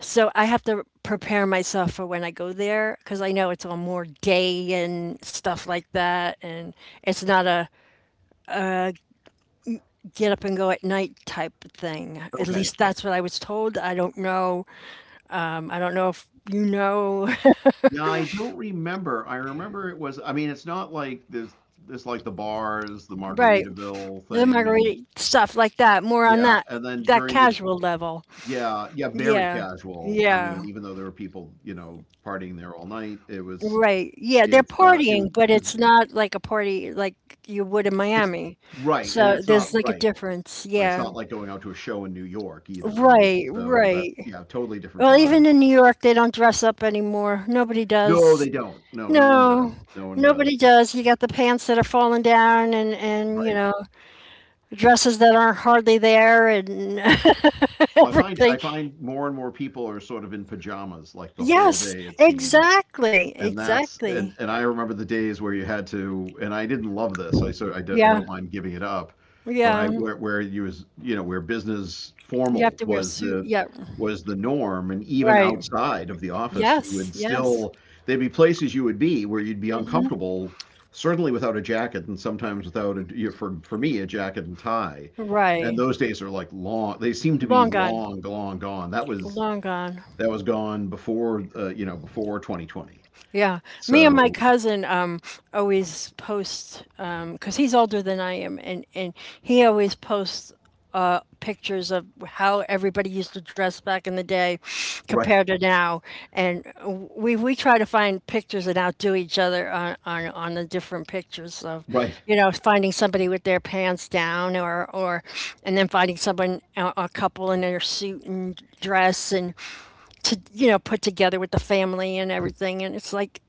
Speaker 1: so I have to prepare myself for when I go there because I know it's all more day and stuff like that. And it's not a get up and go at night type of thing. At
Speaker 2: Okay.
Speaker 1: least that's what I was told. I don't know. Um, I don't know if you know.
Speaker 2: Yeah, I don't remember. I remember it was, I mean, it's not like there's there's, like, the bars, the
Speaker 1: Right.
Speaker 2: Margaritaville
Speaker 1: The
Speaker 2: thing, and
Speaker 1: margarita stuff like that, more on
Speaker 2: yeah,
Speaker 1: that
Speaker 2: and then
Speaker 1: that
Speaker 2: during the —
Speaker 1: casual level.
Speaker 2: yeah, yeah, very
Speaker 1: Yeah.
Speaker 2: casual. I
Speaker 1: Yeah.
Speaker 2: mean, even though there were people, you know, partying there all night, it was —
Speaker 1: Right. Yeah, they're
Speaker 2: it's uh it was
Speaker 1: partying, but
Speaker 2: it's,
Speaker 1: it's not like a party like you would in
Speaker 2: it's
Speaker 1: Miami.
Speaker 2: right, and
Speaker 1: So
Speaker 2: it's
Speaker 1: there's
Speaker 2: not
Speaker 1: like a
Speaker 2: right.
Speaker 1: difference.
Speaker 2: Right, it's
Speaker 1: Yeah.
Speaker 2: not like going out to a show in New York either, right?
Speaker 1: Right,
Speaker 2: So that's,
Speaker 1: right.
Speaker 2: yeah, totally different
Speaker 1: Well,
Speaker 2: vibe.
Speaker 1: even in New York, they don't dress up anymore. Nobody
Speaker 2: No, they
Speaker 1: does.
Speaker 2: don't. No, no one
Speaker 1: No,
Speaker 2: does. No one does.
Speaker 1: nobody does. You got the pants that are falling down and and you
Speaker 2: Right.
Speaker 1: know, dresses that aren't hardly there and
Speaker 2: Well, I find I
Speaker 1: everything.
Speaker 2: find more and more people are sort of in pajamas like the whole
Speaker 1: Yes,
Speaker 2: day, it seems.
Speaker 1: exactly.
Speaker 2: And that's and
Speaker 1: Exactly.
Speaker 2: and I remember the days where you had to, and I didn't love this, I — so I, do,
Speaker 1: Yeah.
Speaker 2: don't mind giving it up, but I —
Speaker 1: Yeah.
Speaker 2: where, where you was, you know, where business
Speaker 1: You have
Speaker 2: formal
Speaker 1: to wear a
Speaker 2: was
Speaker 1: suit.
Speaker 2: the
Speaker 1: Yeah,
Speaker 2: was the norm, and even
Speaker 1: right.
Speaker 2: outside of the office you
Speaker 1: Yes,
Speaker 2: would
Speaker 1: yes.
Speaker 2: still — there'd be places you would be where you'd be
Speaker 1: Mhm.
Speaker 2: uncomfortable, certainly without a jacket and sometimes without a, you know, for for me, a jacket and tie, and
Speaker 1: Right.
Speaker 2: those days are, like, long — they seem to be
Speaker 1: Long gone.
Speaker 2: long long gone. that was
Speaker 1: Long gone.
Speaker 2: that was gone before uh, you know, before twenty twenty,
Speaker 1: Yeah, me and my
Speaker 2: so —
Speaker 1: cousin um always post um because he's older than I am and and he always posts uh pictures of how everybody used to dress back in the day
Speaker 2: right,
Speaker 1: compared to now, and we we try to find pictures and outdo each other on on on the different pictures of,
Speaker 2: right.
Speaker 1: you know, finding somebody with their pants down or or, and then finding someone a, a couple in their suit and dress and, to you know, put together with the family and everything, and it's like,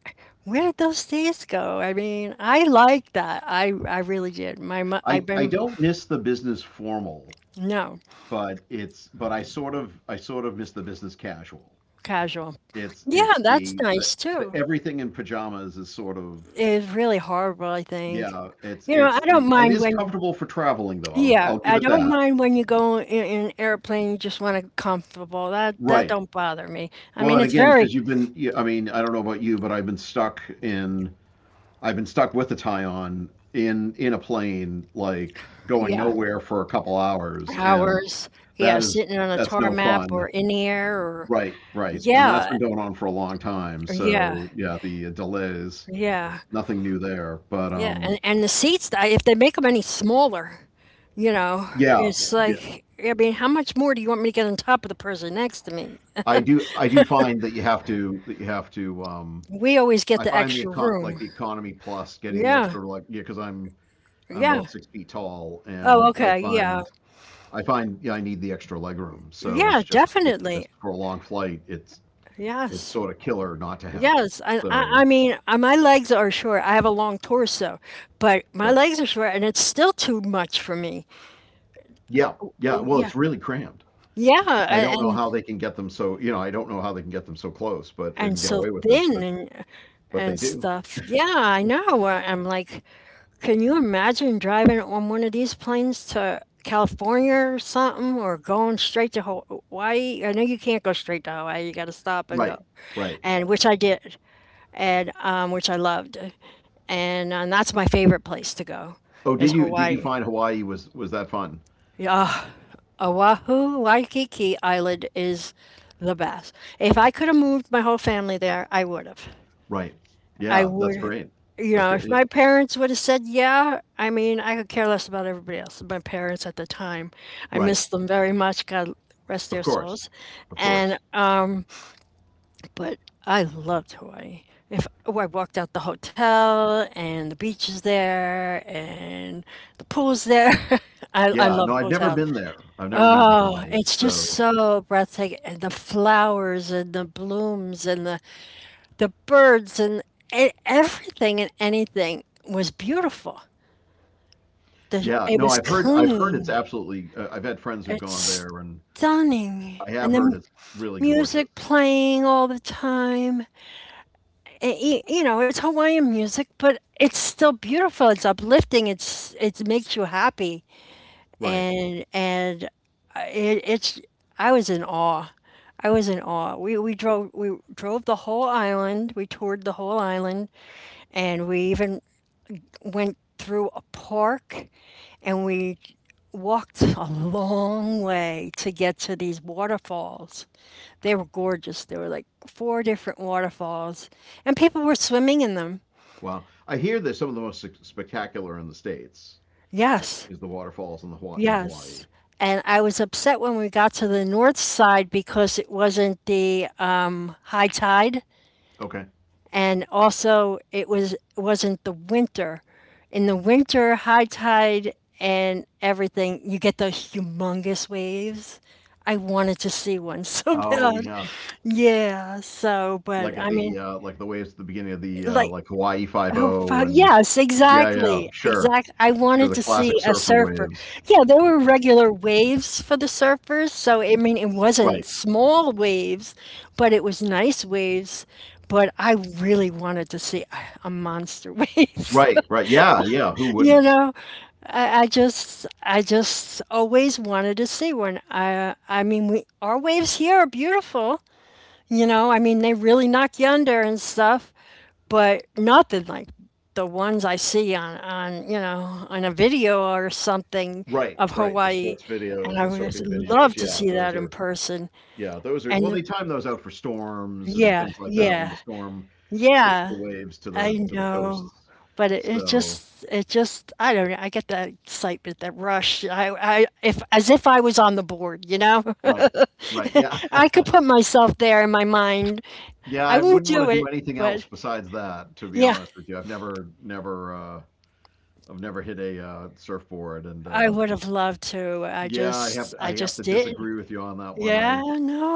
Speaker 1: where did those days go? I mean, I like that. I i really did my mo- I've
Speaker 2: I I
Speaker 1: been
Speaker 2: don't miss the business formal,
Speaker 1: no
Speaker 2: but it's but I sort of I sort of miss the business casual.
Speaker 1: casual.
Speaker 2: It's
Speaker 1: Yeah,
Speaker 2: it's
Speaker 1: that's
Speaker 2: the the,
Speaker 1: nice
Speaker 2: the
Speaker 1: too.
Speaker 2: everything in pajamas is sort of —
Speaker 1: It's really horrible, I think.
Speaker 2: yeah. It's
Speaker 1: You know, I
Speaker 2: it's
Speaker 1: don't
Speaker 2: the it
Speaker 1: mind
Speaker 2: is
Speaker 1: when,
Speaker 2: comfortable for traveling though. I'll
Speaker 1: yeah,
Speaker 2: I'll give
Speaker 1: I
Speaker 2: it
Speaker 1: don't
Speaker 2: that.
Speaker 1: mind when you go in, in an airplane you just want to comfortable, that that
Speaker 2: Right.
Speaker 1: don't bother me. I
Speaker 2: Well,
Speaker 1: mean,
Speaker 2: and
Speaker 1: it's
Speaker 2: again,
Speaker 1: very,
Speaker 2: because you've been, you- I mean, I don't know about you, but I've been stuck in, I've been stuck with a tie on in in a plane, like going
Speaker 1: yeah,
Speaker 2: nowhere for a couple hours, and —
Speaker 1: hours. Yeah,
Speaker 2: That is,
Speaker 1: sitting on a
Speaker 2: that's no
Speaker 1: tarmac
Speaker 2: fun.
Speaker 1: or in the air or
Speaker 2: Right, right. And that's
Speaker 1: yeah,
Speaker 2: been going on for a long time.
Speaker 1: yeah.
Speaker 2: So yeah, the uh, delays,
Speaker 1: Yeah,
Speaker 2: nothing new there. But
Speaker 1: yeah,
Speaker 2: um,
Speaker 1: and and the seats, I- if they make them any smaller, you know,
Speaker 2: yeah,
Speaker 1: it's
Speaker 2: yeah.
Speaker 1: like, I mean, how much more do you want me to get on top of the person next to me?
Speaker 2: I do, I do find that you have to, that you have to. Um,
Speaker 1: We always get
Speaker 2: I
Speaker 1: the
Speaker 2: find the
Speaker 1: extra
Speaker 2: econ, like,
Speaker 1: room.
Speaker 2: the economy plus, getting the
Speaker 1: Yeah,
Speaker 2: extra, like, yeah, because I'm, I'm
Speaker 1: yeah.
Speaker 2: about six feet tall,
Speaker 1: Oh,
Speaker 2: and I
Speaker 1: okay. Yeah,
Speaker 2: find, I find, yeah, I need the extra leg room. So
Speaker 1: yeah,
Speaker 2: it's just, it's
Speaker 1: definitely.
Speaker 2: just, for a long flight, it's, it's
Speaker 1: Yes,
Speaker 2: sort of killer not to have it.
Speaker 1: yes. And I,
Speaker 2: So,
Speaker 1: I mean, uh, my legs are short. I have a long torso, but my
Speaker 2: right.
Speaker 1: legs are short, and it's still too much for me.
Speaker 2: Yeah, yeah.
Speaker 1: Oh,
Speaker 2: Well,
Speaker 1: yeah,
Speaker 2: it's really cramped.
Speaker 1: yeah.
Speaker 2: I
Speaker 1: a-
Speaker 2: don't know
Speaker 1: And
Speaker 2: how they can get them so, you know, I don't know how they can get them so close, but
Speaker 1: and
Speaker 2: and get
Speaker 1: so
Speaker 2: away with it,
Speaker 1: thin
Speaker 2: but
Speaker 1: and
Speaker 2: but they
Speaker 1: and
Speaker 2: do.
Speaker 1: stuff. Yeah, I know. Uh, I'm like, can you imagine driving on one of these planes to California or something, or going straight to Hawaii? I know you can't go straight to Hawaii. You got to stop and
Speaker 2: Right.
Speaker 1: go,
Speaker 2: Right.
Speaker 1: and which I did, and um, which I loved, and um, that's my favorite place to go
Speaker 2: Oh,
Speaker 1: is
Speaker 2: did you did you
Speaker 1: Hawaii.
Speaker 2: find Hawaii was was that fun?
Speaker 1: Yeah, Oahu, Waikiki Island is the best. If I could have moved my whole family there, I would have.
Speaker 2: Right.
Speaker 1: I
Speaker 2: Yeah, that's
Speaker 1: would,
Speaker 2: great.
Speaker 1: you
Speaker 2: That's
Speaker 1: know,
Speaker 2: great.
Speaker 1: if
Speaker 2: Yeah.
Speaker 1: my parents would have said yeah, I mean, I could care less about everybody else. My parents at the time, I
Speaker 2: Right.
Speaker 1: miss them very much. God rest
Speaker 2: Of
Speaker 1: their
Speaker 2: course.
Speaker 1: souls.
Speaker 2: Of
Speaker 1: And
Speaker 2: course.
Speaker 1: um, but I loved Hawaii. If oh, I walked out the hotel and the beach is there and the pool's there, I I
Speaker 2: Yeah, no,
Speaker 1: love
Speaker 2: I've never
Speaker 1: hotels.
Speaker 2: been there. I've never been to
Speaker 1: Oh,
Speaker 2: Hawaii.
Speaker 1: it's just
Speaker 2: So,
Speaker 1: so breathtaking, and the flowers and the blooms and the the birds and e- everything and anything was beautiful. The,
Speaker 2: yeah,
Speaker 1: it
Speaker 2: no,
Speaker 1: was
Speaker 2: I've heard I've heard it's
Speaker 1: clean.
Speaker 2: absolutely uh, I've had friends who've gone
Speaker 1: It's
Speaker 2: there, and
Speaker 1: stunning.
Speaker 2: I have
Speaker 1: And the m-
Speaker 2: heard it's really
Speaker 1: music
Speaker 2: gorgeous.
Speaker 1: playing all the time. And, y- you know, it's Hawaiian music, but it's still beautiful. It's uplifting. It's it makes you happy.
Speaker 2: Right.
Speaker 1: And and uh, it, it's, I was in awe. I was in awe. We we drove we drove the whole island. We toured the whole island, and we even went through a park and we walked a long way to get to these waterfalls. They were gorgeous. There were like four different waterfalls, and people were swimming in them.
Speaker 2: Wow. I hear there's some of the most spectacular in the States —
Speaker 1: Yes,
Speaker 2: is the waterfalls in the Hawa- in Hawaii.
Speaker 1: yes. And I was upset when we got to the north side because it wasn't the um, high tide,
Speaker 2: Okay.
Speaker 1: and also it was wasn't the winter. In the winter, high tide and everything, you get those humongous waves. I wanted to see one so
Speaker 2: Oh
Speaker 1: bad.
Speaker 2: yeah,
Speaker 1: Yeah, so
Speaker 2: like
Speaker 1: but
Speaker 2: at
Speaker 1: I
Speaker 2: the
Speaker 1: mean
Speaker 2: uh, like the waves at the beginning of the uh,
Speaker 1: like,
Speaker 2: like Hawaii Five
Speaker 1: oh,
Speaker 2: O,
Speaker 1: fuck,
Speaker 2: and
Speaker 1: yes,
Speaker 2: yeah yeah,
Speaker 1: exactly,
Speaker 2: sure
Speaker 1: exact I
Speaker 2: sure
Speaker 1: wanted
Speaker 2: the
Speaker 1: to
Speaker 2: classic
Speaker 1: see a
Speaker 2: surfer
Speaker 1: surfer.
Speaker 2: waves.
Speaker 1: Yeah, there were regular waves for the surfers, so, I mean, it
Speaker 2: Right,
Speaker 1: wasn't small waves, but it was nice waves, but I really wanted to see a a monster wave,
Speaker 2: right, right, yeah, yeah, who
Speaker 1: you
Speaker 2: wouldn't?
Speaker 1: know? I I just I just always wanted to see one. I I mean, we, our waves here are beautiful. You know, I mean, they really knock you under and stuff, but nothing like the ones I see on, on you know, on a video or something
Speaker 2: Right,
Speaker 1: of
Speaker 2: right. The
Speaker 1: Hawaii.
Speaker 2: sports
Speaker 1: And
Speaker 2: videos,
Speaker 1: I
Speaker 2: the
Speaker 1: would just
Speaker 2: surfing
Speaker 1: love
Speaker 2: videos.
Speaker 1: to
Speaker 2: Yeah,
Speaker 1: see
Speaker 2: those
Speaker 1: that in
Speaker 2: are —
Speaker 1: person.
Speaker 2: yeah those are
Speaker 1: And
Speaker 2: well, they
Speaker 1: the,
Speaker 2: time those out for storms and
Speaker 1: yeah,
Speaker 2: things like that, when the
Speaker 1: yeah,
Speaker 2: storm shifts the
Speaker 1: yeah,
Speaker 2: waves to
Speaker 1: I
Speaker 2: the to the
Speaker 1: know.
Speaker 2: coasts.
Speaker 1: But it, it
Speaker 2: So,
Speaker 1: just, it just, I don't know. I get that excitement, that rush. I, I, if as if I was on the board, you know.
Speaker 2: right, right, yeah.
Speaker 1: I could put myself there in my mind.
Speaker 2: Yeah,
Speaker 1: I
Speaker 2: I
Speaker 1: won't
Speaker 2: wouldn't want
Speaker 1: do
Speaker 2: to do
Speaker 1: it,
Speaker 2: anything
Speaker 1: but
Speaker 2: else besides that, to be
Speaker 1: yeah,
Speaker 2: honest with you. I've never never uh I've never hit a uh surfboard, and
Speaker 1: I
Speaker 2: uh
Speaker 1: would have loved to. I
Speaker 2: yeah, I have
Speaker 1: just I
Speaker 2: I have to
Speaker 1: just didn't.
Speaker 2: disagree with you on that one.
Speaker 1: Yeah,
Speaker 2: I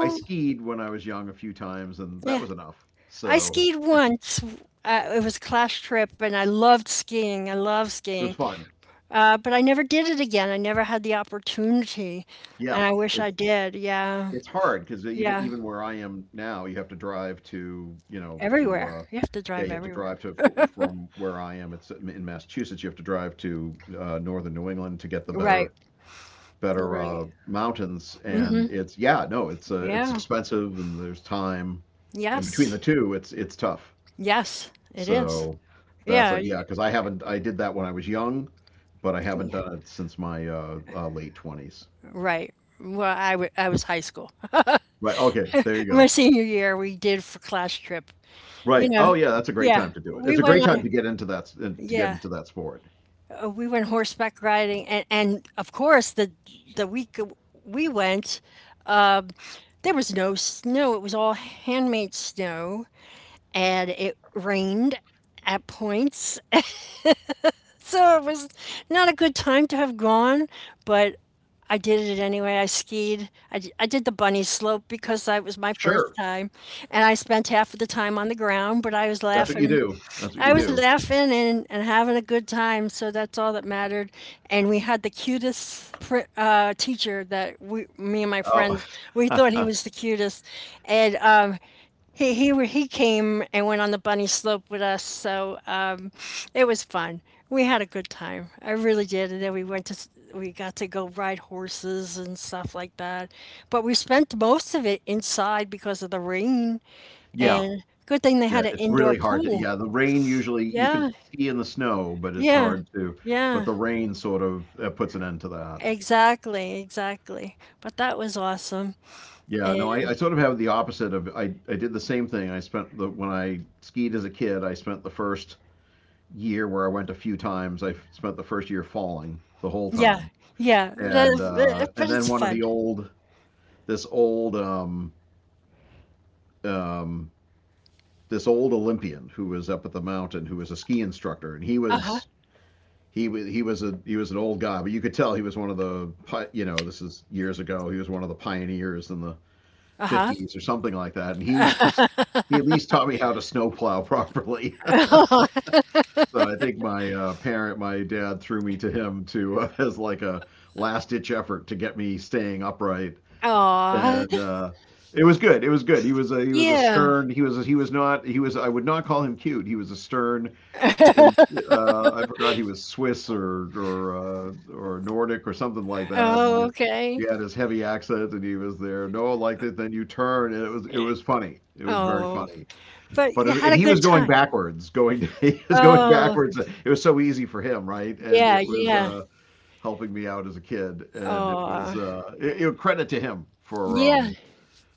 Speaker 2: I skied when I was young a few times, and that
Speaker 1: Yeah.
Speaker 2: was enough.
Speaker 1: I
Speaker 2: So,
Speaker 1: skied once. Uh, it was a class trip, and I loved skiing. I love
Speaker 2: it was
Speaker 1: skiing.
Speaker 2: fun.
Speaker 1: Uh, but I never did it again. I never had the opportunity, and
Speaker 2: Yeah,
Speaker 1: I wish I
Speaker 2: it's
Speaker 1: did. Yeah.
Speaker 2: it's hard because even
Speaker 1: Yeah.
Speaker 2: even where I am now, you have to drive to, you know, to
Speaker 1: Everywhere.
Speaker 2: uh
Speaker 1: You have to
Speaker 2: yeah, you
Speaker 1: drive
Speaker 2: have to
Speaker 1: everywhere.
Speaker 2: drive to fr- from where I am. It's in Massachusetts. You have to drive to uh, northern New England to get the
Speaker 1: Right.
Speaker 2: better better
Speaker 1: Right.
Speaker 2: uh, mountains, and
Speaker 1: Mhm.
Speaker 2: it's — yeah, no, it's uh, it's
Speaker 1: Yeah.
Speaker 2: expensive, and there's time, and between the
Speaker 1: Yes.
Speaker 2: two, it's it's tough.
Speaker 1: Yes, it is.
Speaker 2: So
Speaker 1: Yeah.
Speaker 2: that's a
Speaker 1: y-
Speaker 2: yeah, because I haven't I did that when I was young, but I haven't
Speaker 1: y-
Speaker 2: done it since my uh, uh, late twenties.
Speaker 1: Right. Well, I wa- I was high school.
Speaker 2: Right. Okay. There you
Speaker 1: My
Speaker 2: go.
Speaker 1: senior year, we did for class trip. You
Speaker 2: Right. Oh
Speaker 1: know,
Speaker 2: yeah, that's a great
Speaker 1: yeah,
Speaker 2: time to do it. It's
Speaker 1: we
Speaker 2: a
Speaker 1: went
Speaker 2: great
Speaker 1: on
Speaker 2: time
Speaker 1: a
Speaker 2: to get into that uh, to get
Speaker 1: yeah,
Speaker 2: into that sport.
Speaker 1: uh, we went horseback riding, and and of course the the week we went, um, there was no snow. It was all handmade snow, and it rained at points, so it was not a good time to have gone, but I did it anyway. I skied. I, d- I did the bunny slope because that was my first
Speaker 2: Sure.
Speaker 1: time, and I spent half of the time on the ground. But I was
Speaker 2: That's what you
Speaker 1: laughing,
Speaker 2: do. That's what you
Speaker 1: I was
Speaker 2: do.
Speaker 1: laughing and, and having a good time. So that's all that mattered. And we had the cutest pr- uh, teacher that we, me and my
Speaker 2: Oh.
Speaker 1: friends, we thought he was the cutest. And um, he he he came and went on the bunny slope with us, so um, it was fun. We had a good time. I really did. And then we went to s- we got to go ride horses and stuff like that. But we spent most of it inside because of the rain.
Speaker 2: Yeah.
Speaker 1: And good thing they
Speaker 2: Yeah,
Speaker 1: had an
Speaker 2: it's
Speaker 1: indoor
Speaker 2: really hard to,
Speaker 1: pool.
Speaker 2: yeah, the rain usually you could
Speaker 1: Yeah,
Speaker 2: ski in the snow, but it's
Speaker 1: yeah,
Speaker 2: hard to, but
Speaker 1: yeah.
Speaker 2: the rain sort of uh, puts an end to that.
Speaker 1: Exactly, exactly. But that was awesome.
Speaker 2: Yeah, no, I, I
Speaker 1: And
Speaker 2: sort of have the opposite of I, I did the same thing. I spent the When I skied as a kid, I spent the first year where I went a few times. I f- spent the first year falling the whole
Speaker 1: yeah,
Speaker 2: time,
Speaker 1: yeah.
Speaker 2: and uh,
Speaker 1: that-
Speaker 2: and
Speaker 1: But
Speaker 2: then
Speaker 1: it's
Speaker 2: one of
Speaker 1: fun.
Speaker 2: the old this old um, um, this old Olympian who was up at the mountain who was a ski instructor, and he
Speaker 1: Uh huh.
Speaker 2: was he was he was a he was an old guy, but you could tell he was one of the you know, this is years ago. He was one of the pioneers in the
Speaker 1: Uh huh.
Speaker 2: fifties or something like that, and he he at least taught me how to snowplow properly. So I think my uh, parent, my dad, threw me to him to uh, as like a last ditch effort to get me staying upright,
Speaker 1: Aw.
Speaker 2: and uh, it was good. It was good. He was a he was a
Speaker 1: Yeah.
Speaker 2: stern. He was a, he was not he was I would not call him cute. He was a stern and uh, I forgot he was Swiss or or uh, or Nordic or something like that.
Speaker 1: Oh,
Speaker 2: And he
Speaker 1: okay.
Speaker 2: had his heavy accent, and he was there. Noah liked it. Then you turn, and it was it was funny. It was very
Speaker 1: Oh,
Speaker 2: funny.
Speaker 1: but
Speaker 2: But
Speaker 1: you
Speaker 2: it,
Speaker 1: had
Speaker 2: and
Speaker 1: a
Speaker 2: he was
Speaker 1: good
Speaker 2: going
Speaker 1: time.
Speaker 2: backwards, going he was going
Speaker 1: Oh,
Speaker 2: backwards. It was so easy for him, right? And
Speaker 1: yeah,
Speaker 2: it was
Speaker 1: yeah.
Speaker 2: uh, helping me out as a kid, and it was
Speaker 1: Oh,
Speaker 2: uh, it, it- credit to him for
Speaker 1: yeah,
Speaker 2: um,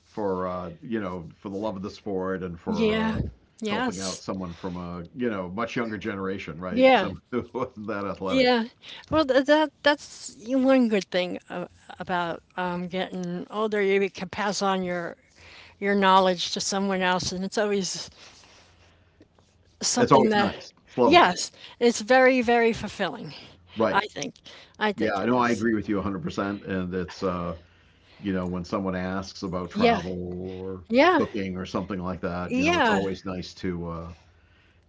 Speaker 2: for uh, you know, for the love of the sport and for
Speaker 1: yeah.
Speaker 2: uh, helping out
Speaker 1: Yes.
Speaker 2: someone from a you know much younger generation, right?
Speaker 1: Yeah,
Speaker 2: Someone who wasn't that athletic.
Speaker 1: yeah. Well, th that that's one good thing a- about um, getting older. You can pass on your your knowledge to someone else, and it's always
Speaker 2: It's
Speaker 1: something
Speaker 2: always
Speaker 1: that,
Speaker 2: nice. It's lovely,
Speaker 1: yes, it's very, very fulfilling.
Speaker 2: right?
Speaker 1: I think. I
Speaker 2: Yeah,
Speaker 1: think
Speaker 2: I
Speaker 1: it
Speaker 2: know. I
Speaker 1: is.
Speaker 2: agree with you a hundred percent. And it's uh, you know when someone asks about
Speaker 1: Yeah,
Speaker 2: travel or
Speaker 1: yeah,
Speaker 2: cooking or something like that, you know, it's
Speaker 1: yeah.
Speaker 2: always nice to uh,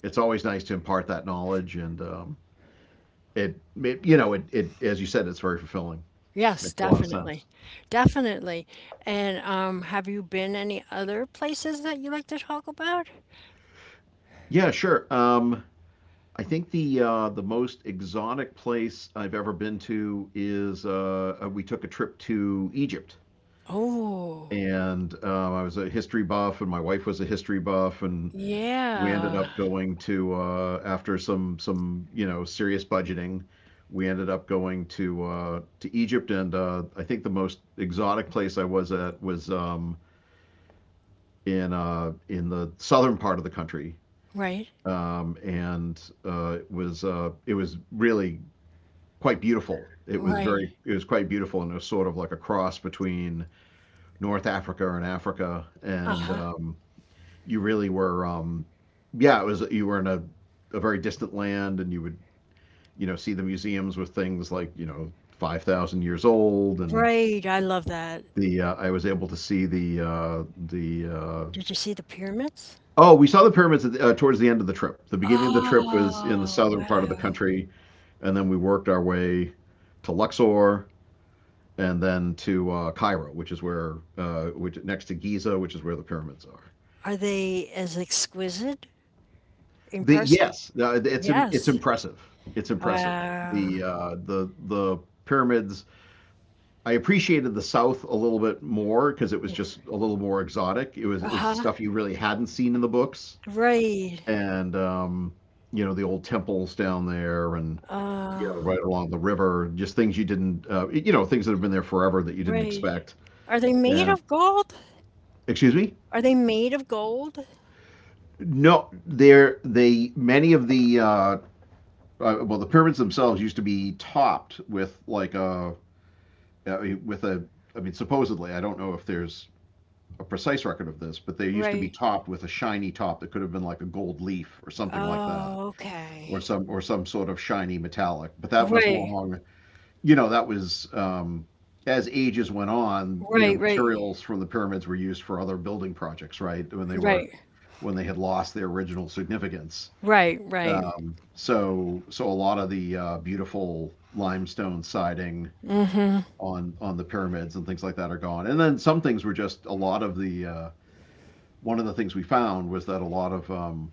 Speaker 2: it's always nice to impart that knowledge, and um, it, it you know it, it as you said, it's very fulfilling.
Speaker 1: Yes,
Speaker 2: Makes a lot of
Speaker 1: definitely.
Speaker 2: sense.
Speaker 1: Definitely. And um, have you been any other places that you like to talk about?
Speaker 2: Yeah, sure. Um, I think the uh, the most exotic place I've ever been to is uh, uh, we took a trip to Egypt,
Speaker 1: Oh,
Speaker 2: and um, I was a history buff, and my wife was a history buff, and we ended
Speaker 1: yeah.
Speaker 2: up going to uh, after some some you know serious budgeting, we ended up going to uh, to Egypt, and uh, I think the most exotic place I was at was um, in uh, in the southern part of the country,
Speaker 1: Right.
Speaker 2: um, and uh, it was uh, it was really quite beautiful. It was
Speaker 1: Right.
Speaker 2: very, it was quite beautiful, and it was sort of like a cross between North Africa and Africa. And
Speaker 1: Uh-huh.
Speaker 2: um, you really were, um, yeah, it was. You were in a, a very distant land, and you would, you know, see the museums with things like, you know, five thousand years old, and
Speaker 1: Right. I love that.
Speaker 2: the uh, I was able to see the uh, the uh,
Speaker 1: Did you see the pyramids?
Speaker 2: oh, we saw the pyramids at the, uh, towards the end of the trip. The beginning of the trip was in the
Speaker 1: Oh,
Speaker 2: southern part of the
Speaker 1: wow.
Speaker 2: country, and then we worked our way to Luxor, and then to uh, Cairo, which is where uh, which next to Giza, which is where the pyramids are.
Speaker 1: Are they as exquisite in
Speaker 2: The
Speaker 1: person?
Speaker 2: Yes, uh, it's it's
Speaker 1: Yes.
Speaker 2: impressive. It's impressive.
Speaker 1: Wow.
Speaker 2: The uh, the the pyramids. I appreciated the South a little bit more because it was just a little more exotic. It was, is
Speaker 1: Uh-huh.
Speaker 2: stuff you really hadn't seen in the books,
Speaker 1: Right.
Speaker 2: and um, you know the old temples down there and you
Speaker 1: Uh,
Speaker 2: know right along the river, just things you didn't uh, you know things that have been there forever that you didn't
Speaker 1: right.
Speaker 2: expect.
Speaker 1: Are they made
Speaker 2: And
Speaker 1: of gold?
Speaker 2: excuse me,
Speaker 1: Are they made of gold?
Speaker 2: no, they're they many of the uh, uh, well, the pyramids themselves used to be topped with like a uh, with a I mean, supposedly I don't know if there's a precise record of this, but they used to be
Speaker 1: Right.
Speaker 2: topped with a shiny top that could have been like a gold leaf or something like that,
Speaker 1: Oh,
Speaker 2: or
Speaker 1: okay.
Speaker 2: some or some sort of shiny metallic. But that was
Speaker 1: Right.
Speaker 2: long, you know, that was um, as ages went on, you know,
Speaker 1: Right, right.
Speaker 2: materials from the pyramids were used for other building projects, right? When they were
Speaker 1: Right.
Speaker 2: when they had lost their original significance.
Speaker 1: Right, right.
Speaker 2: Um, so so a lot of the uh, beautiful limestone siding on on the pyramids and things like that are gone. And then some things were just a lot of the uh, one of the things we found was that a lot of um,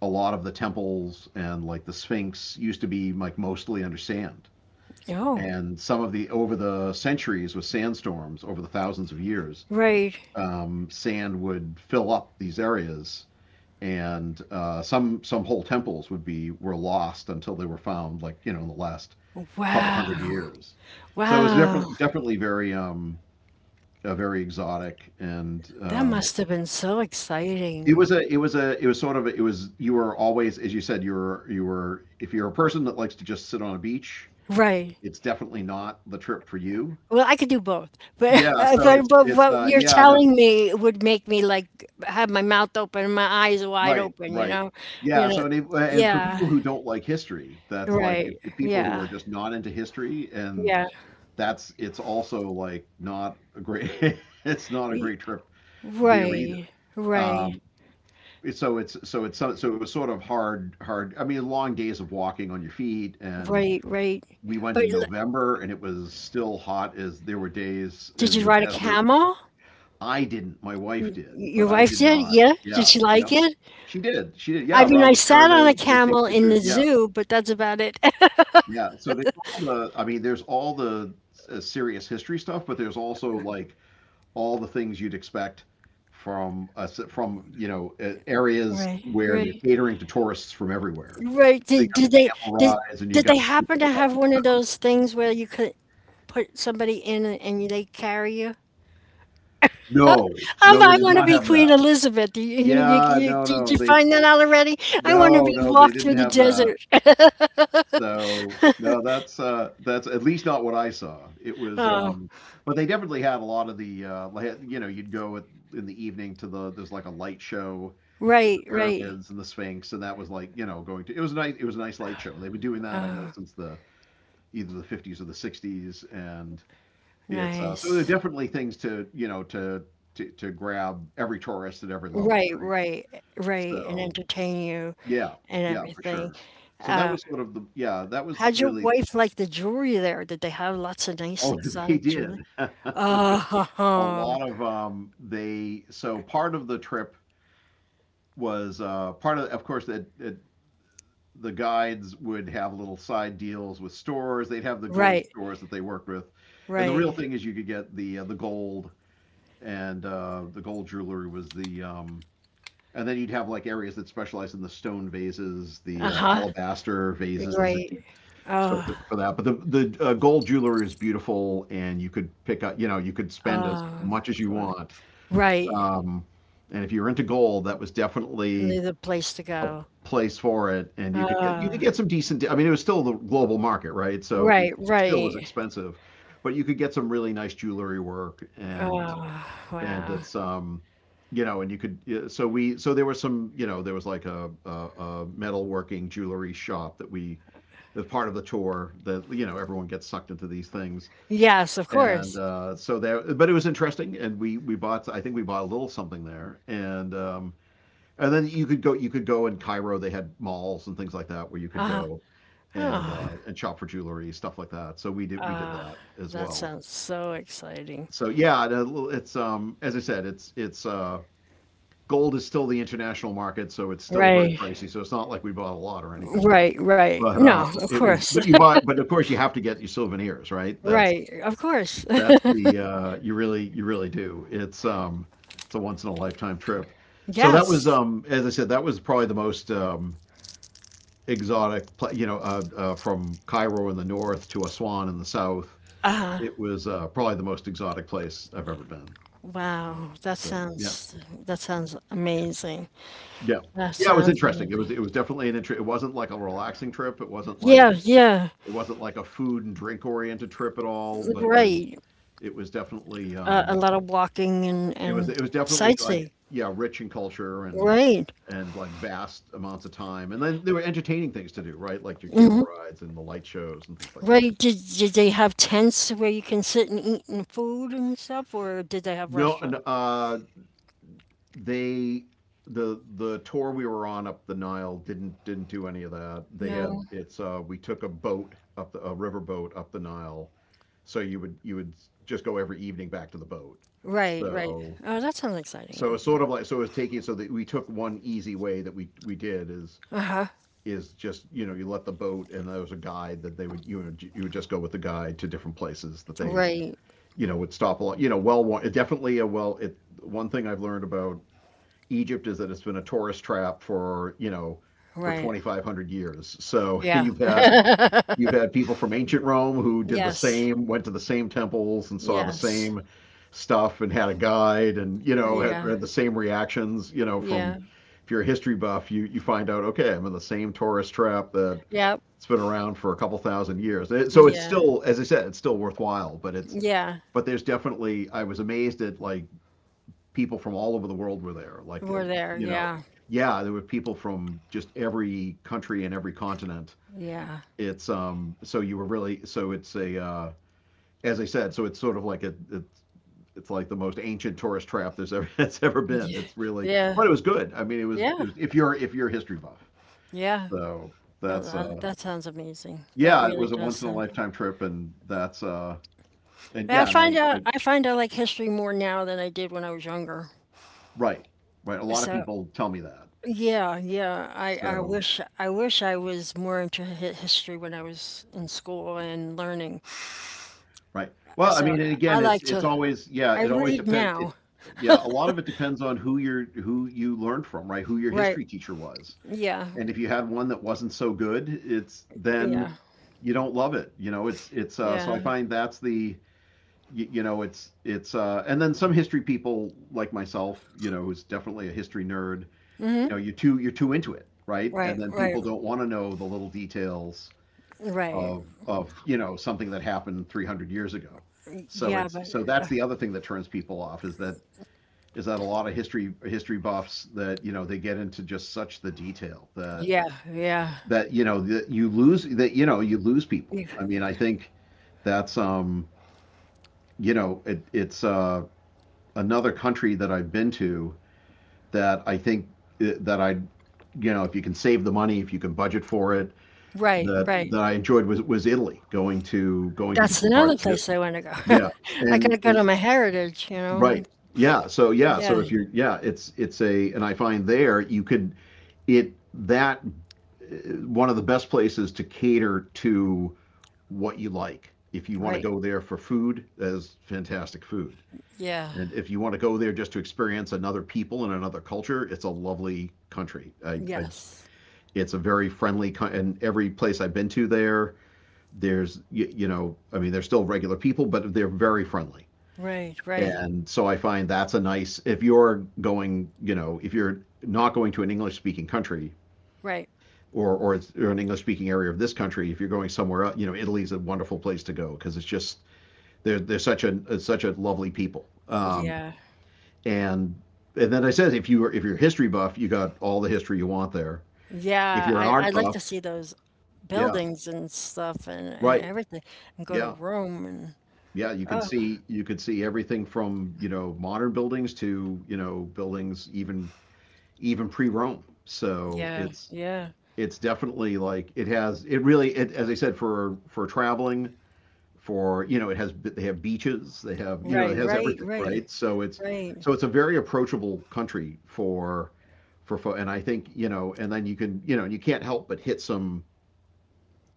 Speaker 2: a lot of the temples and like the Sphinx used to be like mostly under sand.
Speaker 1: Oh,
Speaker 2: And some of the over the centuries with sandstorms over the thousands of years,
Speaker 1: right.
Speaker 2: um, sand would fill up these areas, and uh, some some whole temples would be were lost until they were found, like you know, in the last couple hundred
Speaker 1: Wow.
Speaker 2: years. So it was
Speaker 1: Wow.
Speaker 2: different, definitely very um, uh, very exotic, and
Speaker 1: That
Speaker 2: um,
Speaker 1: must have been so
Speaker 2: it
Speaker 1: exciting.
Speaker 2: was a it was a it was sort of a, it was you were always, as you said, you were you were if you're a person that likes to just sit on a beach,
Speaker 1: Right.
Speaker 2: it's definitely not the trip for you.
Speaker 1: Well, I could do both, but
Speaker 2: Yeah, so
Speaker 1: but
Speaker 2: it's
Speaker 1: but
Speaker 2: it's
Speaker 1: what
Speaker 2: uh,
Speaker 1: you're
Speaker 2: yeah, no.
Speaker 1: telling me would make me like have my mouth open and my eyes wide
Speaker 2: Right,
Speaker 1: open, you
Speaker 2: right.
Speaker 1: know? You
Speaker 2: Yeah, so
Speaker 1: know,
Speaker 2: and, if, and for
Speaker 1: yeah.
Speaker 2: people who don't like history, that's like if,
Speaker 1: Right.
Speaker 2: if people who
Speaker 1: Yeah.
Speaker 2: are just not into history, and
Speaker 1: Yeah.
Speaker 2: that's it's also like not a great it's not a
Speaker 1: Y-
Speaker 2: great trip there either.
Speaker 1: Right. Right.
Speaker 2: Um, so it's so it's so so it was sort of hard hard. I mean, long days of walking on your feet, and
Speaker 1: Right, right.
Speaker 2: we
Speaker 1: But
Speaker 2: went in
Speaker 1: l-
Speaker 2: November, and it was still hot as there were days
Speaker 1: Did
Speaker 2: in
Speaker 1: you
Speaker 2: the
Speaker 1: ride a
Speaker 2: desert.
Speaker 1: camel?
Speaker 2: I didn't, my wife did,
Speaker 1: Your
Speaker 2: but I
Speaker 1: wife
Speaker 2: did
Speaker 1: did?
Speaker 2: not.
Speaker 1: Yeah? Did
Speaker 2: Yeah,
Speaker 1: she
Speaker 2: yeah.
Speaker 1: like it?
Speaker 2: She did. She did.
Speaker 1: I
Speaker 2: Yeah,
Speaker 1: mean,
Speaker 2: around
Speaker 1: I
Speaker 2: the
Speaker 1: sat on a
Speaker 2: pyramids, they
Speaker 1: camel
Speaker 2: take
Speaker 1: in the
Speaker 2: pictures. Yeah,
Speaker 1: zoo, but that's about it.
Speaker 2: yeah. So there's all the. I mean, there's all the uh, serious history stuff, but there's also like all the things you'd expect from us from you know uh, areas
Speaker 1: Right,
Speaker 2: where they're
Speaker 1: right,
Speaker 2: catering to tourists from everywhere.
Speaker 1: right.
Speaker 2: So you
Speaker 1: Did,
Speaker 2: got the
Speaker 1: did they
Speaker 2: camel
Speaker 1: did
Speaker 2: rides, and you
Speaker 1: did
Speaker 2: got
Speaker 1: they
Speaker 2: people
Speaker 1: happen to have
Speaker 2: selling
Speaker 1: one
Speaker 2: stuff.
Speaker 1: of those things where you could put somebody in and and they carry you?
Speaker 2: No,
Speaker 1: Um,
Speaker 2: no, they
Speaker 1: I
Speaker 2: did
Speaker 1: want to
Speaker 2: not
Speaker 1: be
Speaker 2: have
Speaker 1: Queen
Speaker 2: that.
Speaker 1: Elizabeth. You, you, you,
Speaker 2: Yeah,
Speaker 1: you,
Speaker 2: no,
Speaker 1: did
Speaker 2: no,
Speaker 1: you
Speaker 2: they
Speaker 1: find that out already? I want to
Speaker 2: no,
Speaker 1: be
Speaker 2: no, they
Speaker 1: walked through
Speaker 2: didn't
Speaker 1: the
Speaker 2: have that.
Speaker 1: desert.
Speaker 2: So no, that's uh, that's at least not what I saw. It was,
Speaker 1: Oh,
Speaker 2: um, but they definitely had a lot of the uh, like, you know, you'd go at, in the evening, to the there's like a light show with
Speaker 1: right,
Speaker 2: the
Speaker 1: right,
Speaker 2: pyramids and the Sphinx, and that was like, you know, going to it was a nice it was a nice light show. And they've been doing that I know since the either the fifties or the sixties, and it's uh, so there are
Speaker 1: nice.
Speaker 2: definitely things to you know to to to grab every tourist at every level,
Speaker 1: Right,
Speaker 2: right?
Speaker 1: right, right, and
Speaker 2: So
Speaker 1: entertain you.
Speaker 2: yeah,
Speaker 1: And
Speaker 2: yeah, for
Speaker 1: everything.
Speaker 2: sure. So that
Speaker 1: Uh,
Speaker 2: was sort of the yeah, that was
Speaker 1: how'd your
Speaker 2: really
Speaker 1: wife like the jewelry there? Did they have lots of nice
Speaker 2: Oh, they
Speaker 1: exotic
Speaker 2: did.
Speaker 1: jewelry?
Speaker 2: It's a good. A
Speaker 1: Oh,
Speaker 2: lot of um, they. So part of the trip was uh, part of. Of course, that that the guides would have little side deals with stores. They'd have the gold
Speaker 1: right,
Speaker 2: stores that they worked with, and the real
Speaker 1: right.
Speaker 2: thing is you could get the uh, the gold, and uh, the gold jewelry was the. Um, and then you'd have like areas that specialize in the stone vases, the uh,
Speaker 1: Uh-huh.
Speaker 2: alabaster vases, if you.
Speaker 1: Right.
Speaker 2: So
Speaker 1: Oh,
Speaker 2: for, for that, but the the uh, gold jewelry is beautiful, and you could pick up, you know, you could spend as
Speaker 1: oh,
Speaker 2: much as you
Speaker 1: God.
Speaker 2: want.
Speaker 1: Right.
Speaker 2: Um, and if you were into gold, that was definitely
Speaker 1: Another place to
Speaker 2: a
Speaker 1: go.
Speaker 2: place for it, and you could get you could
Speaker 1: Oh,
Speaker 2: get some decent. I mean, it was still the global market, right? So it
Speaker 1: right,
Speaker 2: still was
Speaker 1: right.
Speaker 2: expensive, but you could get some really nice jewelry work,
Speaker 1: Oh,
Speaker 2: and and
Speaker 1: wow.
Speaker 2: it's um, you know, and you could yeah, so we so there was some, you know, there was like a a, a metalworking jewelry shop that we, as part of the tour, that you know everyone gets sucked into these things.
Speaker 1: Yes, of
Speaker 2: and
Speaker 1: course.
Speaker 2: uh, so that, but it was interesting and we we bought, I think we bought a little something there. And um, and then you could go, you could go in cairo they had malls and things like that where you could
Speaker 1: Uh,
Speaker 2: go and
Speaker 1: oh,
Speaker 2: uh, and shop for jewelry, stuff like that, so we did we did
Speaker 1: uh,
Speaker 2: that as
Speaker 1: that
Speaker 2: well.
Speaker 1: sounds so exciting.
Speaker 2: So yeah it's um As I said, it's it's uh gold is still the international market, so it's still very
Speaker 1: Right,
Speaker 2: pricey, so it's not like we bought a lot or anything.
Speaker 1: right, right.
Speaker 2: But um,
Speaker 1: No, of
Speaker 2: It was,
Speaker 1: course.
Speaker 2: but you buy, but of course you have to get your souvenirs, right? That's
Speaker 1: Right, of course.
Speaker 2: that's the uh, You really, you really do. It's um, it's a once in a lifetime trip. So that was,
Speaker 1: Yes.
Speaker 2: um, as I said, that was probably the most um, exotic, pla you know, uh, uh, from Cairo in the north to Aswan in the south.
Speaker 1: Uh,
Speaker 2: It was uh, probably the most exotic place I've ever been.
Speaker 1: wow. That
Speaker 2: So yeah,
Speaker 1: sounds that sounds amazing.
Speaker 2: yeah,
Speaker 1: That
Speaker 2: yeah. It was
Speaker 1: sounds
Speaker 2: interesting. It was,
Speaker 1: amazing.
Speaker 2: it was definitely an interest. It wasn't like a relaxing trip. It wasn't
Speaker 1: Yeah,
Speaker 2: like
Speaker 1: yeah.
Speaker 2: It wasn't like a food and drink oriented trip at all, but it was,
Speaker 1: Right.
Speaker 2: it was definitely
Speaker 1: Uh, a
Speaker 2: um,
Speaker 1: lot of walking and
Speaker 2: it was
Speaker 1: and
Speaker 2: it was definitely like,
Speaker 1: sightseeing.
Speaker 2: yeah, rich in culture and,
Speaker 1: Right.
Speaker 2: and like vast amounts of time. And then there were entertaining things to do, right? Like your camel
Speaker 1: hmm
Speaker 2: rides and the light shows and things like that.
Speaker 1: Right. Did did they have tents where you can sit and eat and food and stuff, or did they have
Speaker 2: No, and,
Speaker 1: restaurants?
Speaker 2: uh, they the the tour we were on up the Nile didn't didn't do any of that. They had
Speaker 1: No.
Speaker 2: it's uh we took a boat up the, a river boat up the Nile. So you would you would just go every evening back to the boat.
Speaker 1: Right, right.
Speaker 2: So
Speaker 1: Oh, that sounds exciting
Speaker 2: so it's
Speaker 1: anyway.
Speaker 2: sort of like so it's taking so that we took one easy way that we we did is,
Speaker 1: Uh-huh.
Speaker 2: is just, you know, you let the boat and there was a guide that, they would you know, you would just go with the guide to different places that they,
Speaker 1: Right,
Speaker 2: you know, would stop a lot. You know, well definitely a well it one thing I've learned about Egypt is that it's been a tourist trap for, you know, for
Speaker 1: right.
Speaker 2: twenty five hundred years, so
Speaker 1: Yeah.
Speaker 2: you've had you've had people from ancient Rome who did the
Speaker 1: Yes.
Speaker 2: same, went to the same temples and saw the
Speaker 1: Yes.
Speaker 2: same stuff and had a guide and, you know, had,
Speaker 1: Yeah.
Speaker 2: had the same reactions, you know, from,
Speaker 1: Yeah.
Speaker 2: if you're a history buff, you, you find out, okay, I'm in the same tourist trap that,
Speaker 1: Yeah.
Speaker 2: it's been around for a couple thousand years. It- so it's
Speaker 1: Yeah,
Speaker 2: still, as I said, it's still worthwhile, but it's,
Speaker 1: yeah,
Speaker 2: but there's definitely, I was amazed at like people from all over the world were there. Like, uh,
Speaker 1: we're there,
Speaker 2: you know,
Speaker 1: yeah,
Speaker 2: yeah, there were people from just every country and every continent.
Speaker 1: yeah,
Speaker 2: It's um so you were really so it's a uh, As I said, so it's sort of like a it's it's like the most ancient tourist trap there's ever that's ever been.
Speaker 1: yeah,
Speaker 2: It's really,
Speaker 1: yeah,
Speaker 2: but it was good. I mean it was it
Speaker 1: yeah,
Speaker 2: was if you're, if you're a history buff.
Speaker 1: yeah.
Speaker 2: So
Speaker 1: Oh,
Speaker 2: that's
Speaker 1: that,
Speaker 2: uh
Speaker 1: that sounds amazing. That
Speaker 2: yeah, it
Speaker 1: really
Speaker 2: was a
Speaker 1: does
Speaker 2: once in a
Speaker 1: sound.
Speaker 2: lifetime trip, and that's uh and
Speaker 1: And I
Speaker 2: yeah, and
Speaker 1: find
Speaker 2: I, I,
Speaker 1: out I find I like history more now than I did when I was younger.
Speaker 2: right, right, a lot of
Speaker 1: So
Speaker 2: people tell me that.
Speaker 1: yeah, yeah. I, I
Speaker 2: So
Speaker 1: wish I wish I was more into hi- history when I was in school and learning.
Speaker 2: right, well I
Speaker 1: So
Speaker 2: mean, and
Speaker 1: I
Speaker 2: again it's,
Speaker 1: like
Speaker 2: it's
Speaker 1: to
Speaker 2: always, yeah,
Speaker 1: I
Speaker 2: it always
Speaker 1: read
Speaker 2: depends. It
Speaker 1: now.
Speaker 2: Yeah, a lot of it depends on who you're who you learned from, right, who your
Speaker 1: Right.
Speaker 2: history teacher was.
Speaker 1: Yeah.
Speaker 2: And if you had one that wasn't so good, it's
Speaker 1: Yeah.
Speaker 2: then you don't love it. You know, it's, it's uh, so I
Speaker 1: Yeah.
Speaker 2: find that's the, you, you know, it's, it's uh, and then some history people like myself, you know, who's definitely a history nerd. You know, you too you're too into it, right?
Speaker 1: Right,
Speaker 2: And then
Speaker 1: right,
Speaker 2: people don't want to know the little details
Speaker 1: right.
Speaker 2: of of you know, something that happened three hundred years ago. So
Speaker 1: Yeah,
Speaker 2: it's,
Speaker 1: but
Speaker 2: so that's the other thing that turns people off, is that, is that a lot of history history buffs, that you know, they get into just such the detail that,
Speaker 1: Yeah, yeah.
Speaker 2: that you know, that you lose, that you know, you lose people.
Speaker 1: Yeah.
Speaker 2: I mean, I think that's um you know, it, it's uh, another country that I've been to, that I think, uh, that I you know, if you can save the money, if you can budget for it,
Speaker 1: Right, right.
Speaker 2: that that I enjoyed was, was Italy, going to, going to
Speaker 1: That's
Speaker 2: different
Speaker 1: another
Speaker 2: parts of it.
Speaker 1: place I wanna go.
Speaker 2: Yeah,
Speaker 1: I
Speaker 2: and,
Speaker 1: gotta go
Speaker 2: and
Speaker 1: to my heritage, you know?
Speaker 2: right, yeah, so yeah,
Speaker 1: Yeah,
Speaker 2: so if you're, yeah, it's it's a and I find there you could, it that uh, one of the best places to cater to what you like. If you want to
Speaker 1: right.
Speaker 2: go there for food, there's fantastic food.
Speaker 1: Yeah.
Speaker 2: And if you want to go there just to experience another people and another culture, it's a lovely country. I, I,
Speaker 1: Yes.
Speaker 2: it's a very friendly co- and every place I've been to there, there's you, you know, I mean, they're still regular people, but they're very friendly.
Speaker 1: Right, right,
Speaker 2: And so I find that's a nice, if you're going, you know, if you're not going to an English speaking country
Speaker 1: right.
Speaker 2: or or, it's, or an English speaking area of this country, if you're going somewhere else, you know, Italy's a wonderful place to go, because it's just, they're, they're such a such a lovely people. Um,
Speaker 1: Yeah.
Speaker 2: and and then I said, if you are, if you're a history buff, you got all the history you want there. If
Speaker 1: Yeah,
Speaker 2: you're an
Speaker 1: I
Speaker 2: art
Speaker 1: I'd like
Speaker 2: buff,
Speaker 1: to see those
Speaker 2: yeah,
Speaker 1: buildings and stuff and and
Speaker 2: right,
Speaker 1: everything, and go to
Speaker 2: yeah,
Speaker 1: Rome and
Speaker 2: yeah, you can
Speaker 1: oh,
Speaker 2: see, you can see everything from, you know, modern buildings to, you know, buildings even, even pre-Rome. So
Speaker 1: yeah,
Speaker 2: it's,
Speaker 1: yeah.
Speaker 2: it's definitely like, it has, it really it, as I said, for, for traveling, for, you know, it has, they have beaches, they have, you know, it
Speaker 1: Right,
Speaker 2: has
Speaker 1: right,
Speaker 2: everything,
Speaker 1: right,
Speaker 2: right, so it's,
Speaker 1: right,
Speaker 2: so it's a very approachable country for, for fo- and I think, you know, and then you can, you know, and you can't help but hit some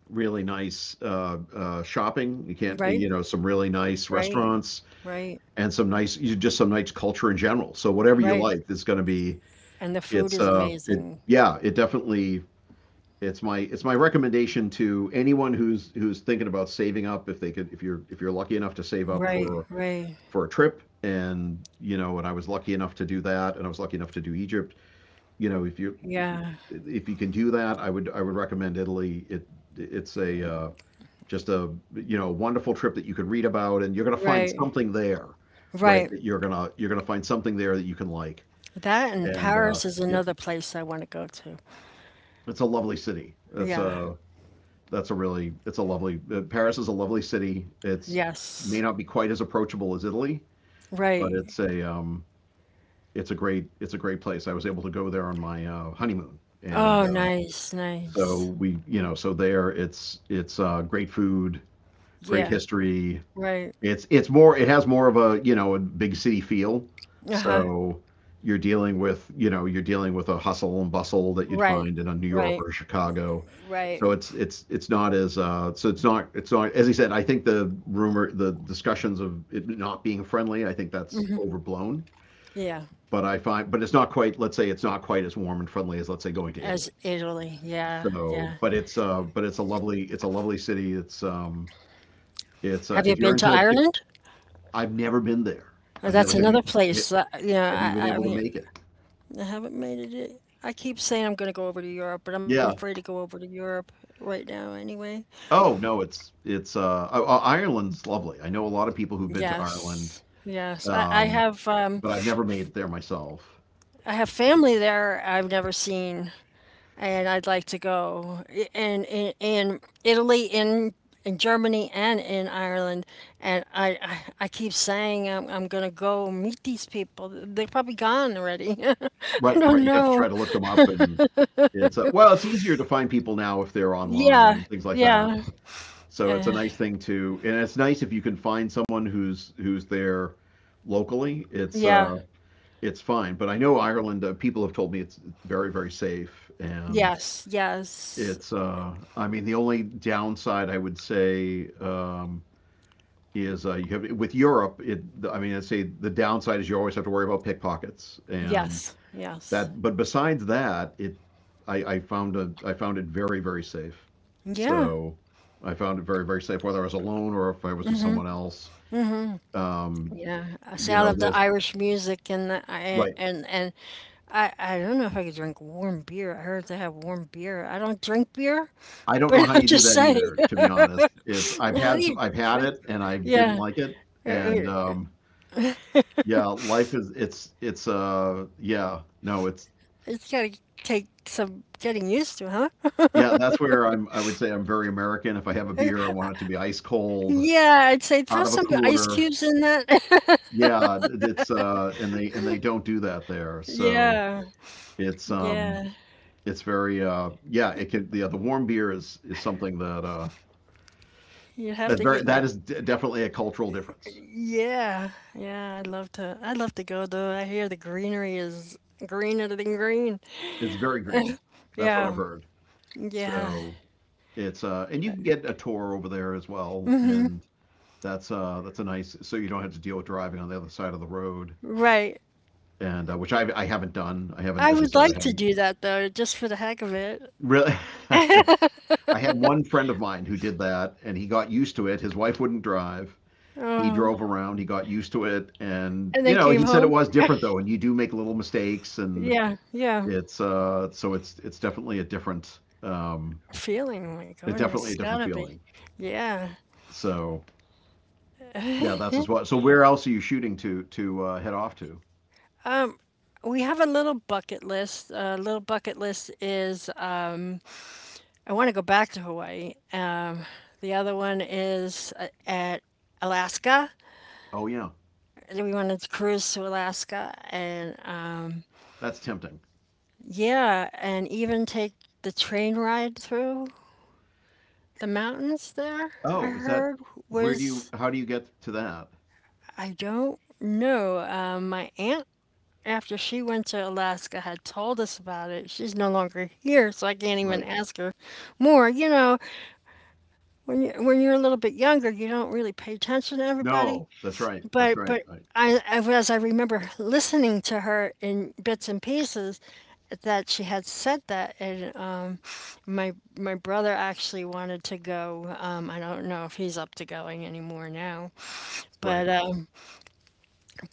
Speaker 2: really nice uh, uh, shopping, you can't, you
Speaker 1: right,
Speaker 2: know, some really nice
Speaker 1: right,
Speaker 2: restaurants
Speaker 1: right,
Speaker 2: and some nice, just some nice culture in general, so whatever you
Speaker 1: right,
Speaker 2: like, it's going to be,
Speaker 1: and the food
Speaker 2: it's
Speaker 1: is
Speaker 2: uh it
Speaker 1: amazing.
Speaker 2: yeah, it definitely, it's my, it's my recommendation to anyone who's, who's thinking about saving up, if they could, if you're, if you're lucky enough to save up
Speaker 1: Right,
Speaker 2: for,
Speaker 1: right,
Speaker 2: for a trip, and you know, and I was lucky enough to do that, and I was lucky enough to do Egypt. You know, if you, if you,
Speaker 1: yeah.
Speaker 2: if you can do that, I would, i would recommend Italy. It it's a uh, just a You know, wonderful trip that you could read about, and you're going to find
Speaker 1: Right,
Speaker 2: something there, right,
Speaker 1: right.
Speaker 2: that you're going to, you're going to find something there that you can like.
Speaker 1: That and
Speaker 2: And uh,
Speaker 1: Paris is
Speaker 2: Yeah,
Speaker 1: another place I want to go to.
Speaker 2: it's a lovely city, that's
Speaker 1: Yeah,
Speaker 2: a that's a really it's a lovely, uh, Paris is a lovely city, it's may
Speaker 1: yes,
Speaker 2: not be quite as approachable as Italy, but
Speaker 1: right.
Speaker 2: it's a, um, it's a great it's a great place. I was able to go there on my uh, honeymoon, and
Speaker 1: Oh,
Speaker 2: um,
Speaker 1: nice, nice.
Speaker 2: so we, you know, so there it's, it's uh, great food, great
Speaker 1: Yeah,
Speaker 2: history.
Speaker 1: right.
Speaker 2: It's, it's more, it has more of a, you know, a big city feel.
Speaker 1: Uh-huh.
Speaker 2: So you're dealing with, you know, you're dealing with a hustle and bustle that you'd
Speaker 1: Right,
Speaker 2: find in a New York
Speaker 1: right,
Speaker 2: or Chicago.
Speaker 1: right.
Speaker 2: So it's, it's it's not as, uh, so it's not, it's not as he said. I think the rumor, the discussions of it not being friendly, I think that's overblown,
Speaker 1: Yeah,
Speaker 2: but I find, but it's not quite, let's say, it's not quite as warm and friendly as, let's say, going to
Speaker 1: as
Speaker 2: Italy.
Speaker 1: Italy. Yeah,
Speaker 2: So,
Speaker 1: yeah.
Speaker 2: but it's uh but it's a lovely, it's a lovely city. It's um it's
Speaker 1: Have
Speaker 2: uh
Speaker 1: you
Speaker 2: if you're
Speaker 1: been to
Speaker 2: into, if,
Speaker 1: Ireland?
Speaker 2: I've never been there.
Speaker 1: Uh,
Speaker 2: I've never
Speaker 1: That's
Speaker 2: have you,
Speaker 1: another place. Uh,
Speaker 2: have you
Speaker 1: yeah,
Speaker 2: been
Speaker 1: I, I
Speaker 2: able to
Speaker 1: mean,
Speaker 2: make it?
Speaker 1: I haven't made it yet. I keep saying I'm going to go over to Europe, but I'm afraid
Speaker 2: Yeah.
Speaker 1: to go over to Europe right now anyway.
Speaker 2: Oh no, it's, it's uh I- I- Ireland's lovely. I know a lot of people who've been to Ireland,
Speaker 1: Yes, yes. I, I
Speaker 2: um,
Speaker 1: have. Um,
Speaker 2: but I've never made it there myself.
Speaker 1: I have family there I've never seen, and I'd like to go. And in, in Italy, in in Germany, and in Ireland. And I I, I keep saying I'm I'm gonna go meet these people. They're probably gone already. I
Speaker 2: Right, right.
Speaker 1: don't
Speaker 2: You'd have to try
Speaker 1: know.
Speaker 2: to look them up, and it's uh, well, it's easier to find people now if they're online
Speaker 1: Yeah,
Speaker 2: and things like that.
Speaker 1: yeah,
Speaker 2: So it's a
Speaker 1: uh,
Speaker 2: nice thing to, and it's nice if you can find someone who's, who's there locally. It's
Speaker 1: yeah.
Speaker 2: uh, it's fine. But I know Ireland. Uh, people have told me it's very, very safe, and
Speaker 1: Yes, yes,
Speaker 2: it's. Uh, I mean, the only downside I would say, um, is uh, you have with Europe. It. I mean, I would say the downside is you always have to worry about pickpockets, and
Speaker 1: yes, yes.
Speaker 2: that but besides that it I, I found a I found it very very safe.
Speaker 1: Yeah.
Speaker 2: So I found it very very safe whether I was alone or if I was with someone else. Um,
Speaker 1: Yeah, I say
Speaker 2: you
Speaker 1: I
Speaker 2: know
Speaker 1: love the
Speaker 2: there's
Speaker 1: Irish music and the, I-
Speaker 2: Right.
Speaker 1: and and I I don't know if I could drink warm beer. I heard they have warm beer. I don't drink beer,
Speaker 2: I don't know
Speaker 1: but
Speaker 2: how
Speaker 1: I'm
Speaker 2: you do
Speaker 1: just
Speaker 2: that
Speaker 1: saying,
Speaker 2: either, to be honest. It's I've
Speaker 1: how
Speaker 2: had
Speaker 1: do
Speaker 2: some,
Speaker 1: you
Speaker 2: I've had
Speaker 1: drink?
Speaker 2: it and I didn't
Speaker 1: Yeah,
Speaker 2: like it. And
Speaker 1: er, er,
Speaker 2: um, yeah, life is it's it's uh yeah no it's
Speaker 1: it's gotta take some getting used to, huh?
Speaker 2: yeah, that's where I'm I would say I'm very American. If I have a beer, I want it to be ice cold,
Speaker 1: Yeah, I'd say throw
Speaker 2: out of a
Speaker 1: some ice
Speaker 2: cooler.
Speaker 1: cubes in that.
Speaker 2: Yeah, it's uh, and they and they don't do that there. So
Speaker 1: Yeah,
Speaker 2: it's um,
Speaker 1: yeah.
Speaker 2: it's very uh, yeah, it can. Yeah, the warm beer is is something that uh,
Speaker 1: you have
Speaker 2: that's
Speaker 1: to
Speaker 2: very
Speaker 1: get your
Speaker 2: that is de- definitely a cultural difference.
Speaker 1: yeah, yeah. I'd love to. I'd love to go though. I hear the greenery is greener than green.
Speaker 2: It's very green. That's what I've
Speaker 1: Yeah,
Speaker 2: heard.
Speaker 1: yeah.
Speaker 2: So it's uh, and you can get a tour over there as well. And that's uh, that's a nice. So you don't have to deal with driving on the other side of the road,
Speaker 1: Right.
Speaker 2: and uh, which I I haven't done. I haven't,
Speaker 1: I
Speaker 2: as I
Speaker 1: would
Speaker 2: said,
Speaker 1: like
Speaker 2: I
Speaker 1: to
Speaker 2: haven't
Speaker 1: do that though, just for the heck of it.
Speaker 2: really. I had one friend of mine who did that, and he got used to it. His wife wouldn't drive. He
Speaker 1: Oh,
Speaker 2: drove around. He got used to it, and
Speaker 1: and
Speaker 2: you
Speaker 1: then
Speaker 2: know,
Speaker 1: came
Speaker 2: he said it
Speaker 1: home.
Speaker 2: was different though, and you do make little mistakes, and
Speaker 1: Yeah, yeah.
Speaker 2: it's uh, so it's it's definitely a different, um,
Speaker 1: Feeling, my
Speaker 2: it's
Speaker 1: goodness,
Speaker 2: definitely
Speaker 1: it's
Speaker 2: a different
Speaker 1: gotta be.
Speaker 2: feeling.
Speaker 1: Yeah.
Speaker 2: So yeah, that's as well. So where else are you shooting to to uh, head off to?
Speaker 1: Um, we have a little bucket list. A uh, little bucket list is um, I want to go back to Hawaii. Um, the other one is uh, at Alaska.
Speaker 2: Oh yeah,
Speaker 1: And We wanted to cruise to Alaska, and um,
Speaker 2: that's tempting.
Speaker 1: yeah, and even take the train ride through The mountains there, I
Speaker 2: Oh, is that,
Speaker 1: heard,
Speaker 2: where do you?
Speaker 1: was,
Speaker 2: How do you get to that?
Speaker 1: I don't know. Uh, my aunt, after she went to Alaska, had told us about it. She's no longer here, so I can't even
Speaker 2: Right.
Speaker 1: ask her more. You know, when you when you're a little bit younger, you don't really pay attention to everybody.
Speaker 2: No, that's right. That's
Speaker 1: but
Speaker 2: right.
Speaker 1: but
Speaker 2: Right.
Speaker 1: I, I as I remember listening to her in bits and pieces that she had said that, and um, my my brother actually wanted to go. um, I don't know if he's up to going anymore now, but
Speaker 2: Right.
Speaker 1: um,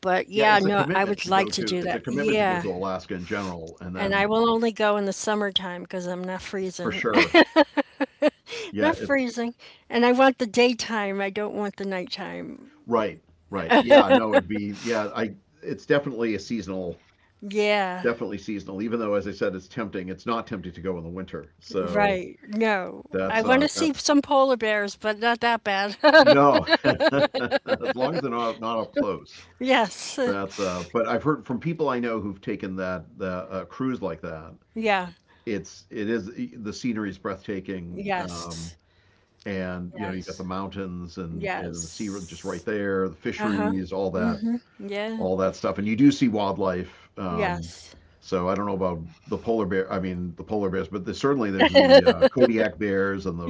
Speaker 1: but
Speaker 2: Yeah,
Speaker 1: yeah,
Speaker 2: it's a
Speaker 1: no, I
Speaker 2: commitment
Speaker 1: would
Speaker 2: to
Speaker 1: like
Speaker 2: go
Speaker 1: to
Speaker 2: to,
Speaker 1: do
Speaker 2: it's a
Speaker 1: that,
Speaker 2: commitment to go
Speaker 1: yeah.
Speaker 2: to Alaska in general, and
Speaker 1: And I
Speaker 2: then
Speaker 1: will only go in the summertime because I'm not
Speaker 2: for
Speaker 1: freezing.
Speaker 2: sure. Yeah,
Speaker 1: Not
Speaker 2: it,
Speaker 1: freezing. And I want the daytime, I don't want the nighttime,
Speaker 2: right, right. Yeah, no, it'd be, yeah, I, it's definitely a seasonal,
Speaker 1: yeah.
Speaker 2: definitely seasonal, even though, as I said, it's tempting. It's not tempting to go in the winter. So
Speaker 1: Right. No. I
Speaker 2: that's,
Speaker 1: want
Speaker 2: uh,
Speaker 1: to see
Speaker 2: that's,
Speaker 1: some polar bears, but not that bad.
Speaker 2: no, as long as they're not, not up close.
Speaker 1: Yes.
Speaker 2: That's, uh, but I've heard from people I know who've taken that, the uh, cruise like that.
Speaker 1: Yeah.
Speaker 2: It's, it is. The scenery is breathtaking. Um,
Speaker 1: Yes.
Speaker 2: and you know you got the
Speaker 1: Yes.
Speaker 2: mountains, and, and the sea just right
Speaker 1: Yes.
Speaker 2: there, the
Speaker 1: Uh-huh.
Speaker 2: fisheries, all that
Speaker 1: Yeah.
Speaker 2: all that stuff. And you do see wildlife. Um,
Speaker 1: Yes.
Speaker 2: so I don't know about the polar bear, I mean the polar bears, but there's, certainly there's the uh, kodiak bears and the,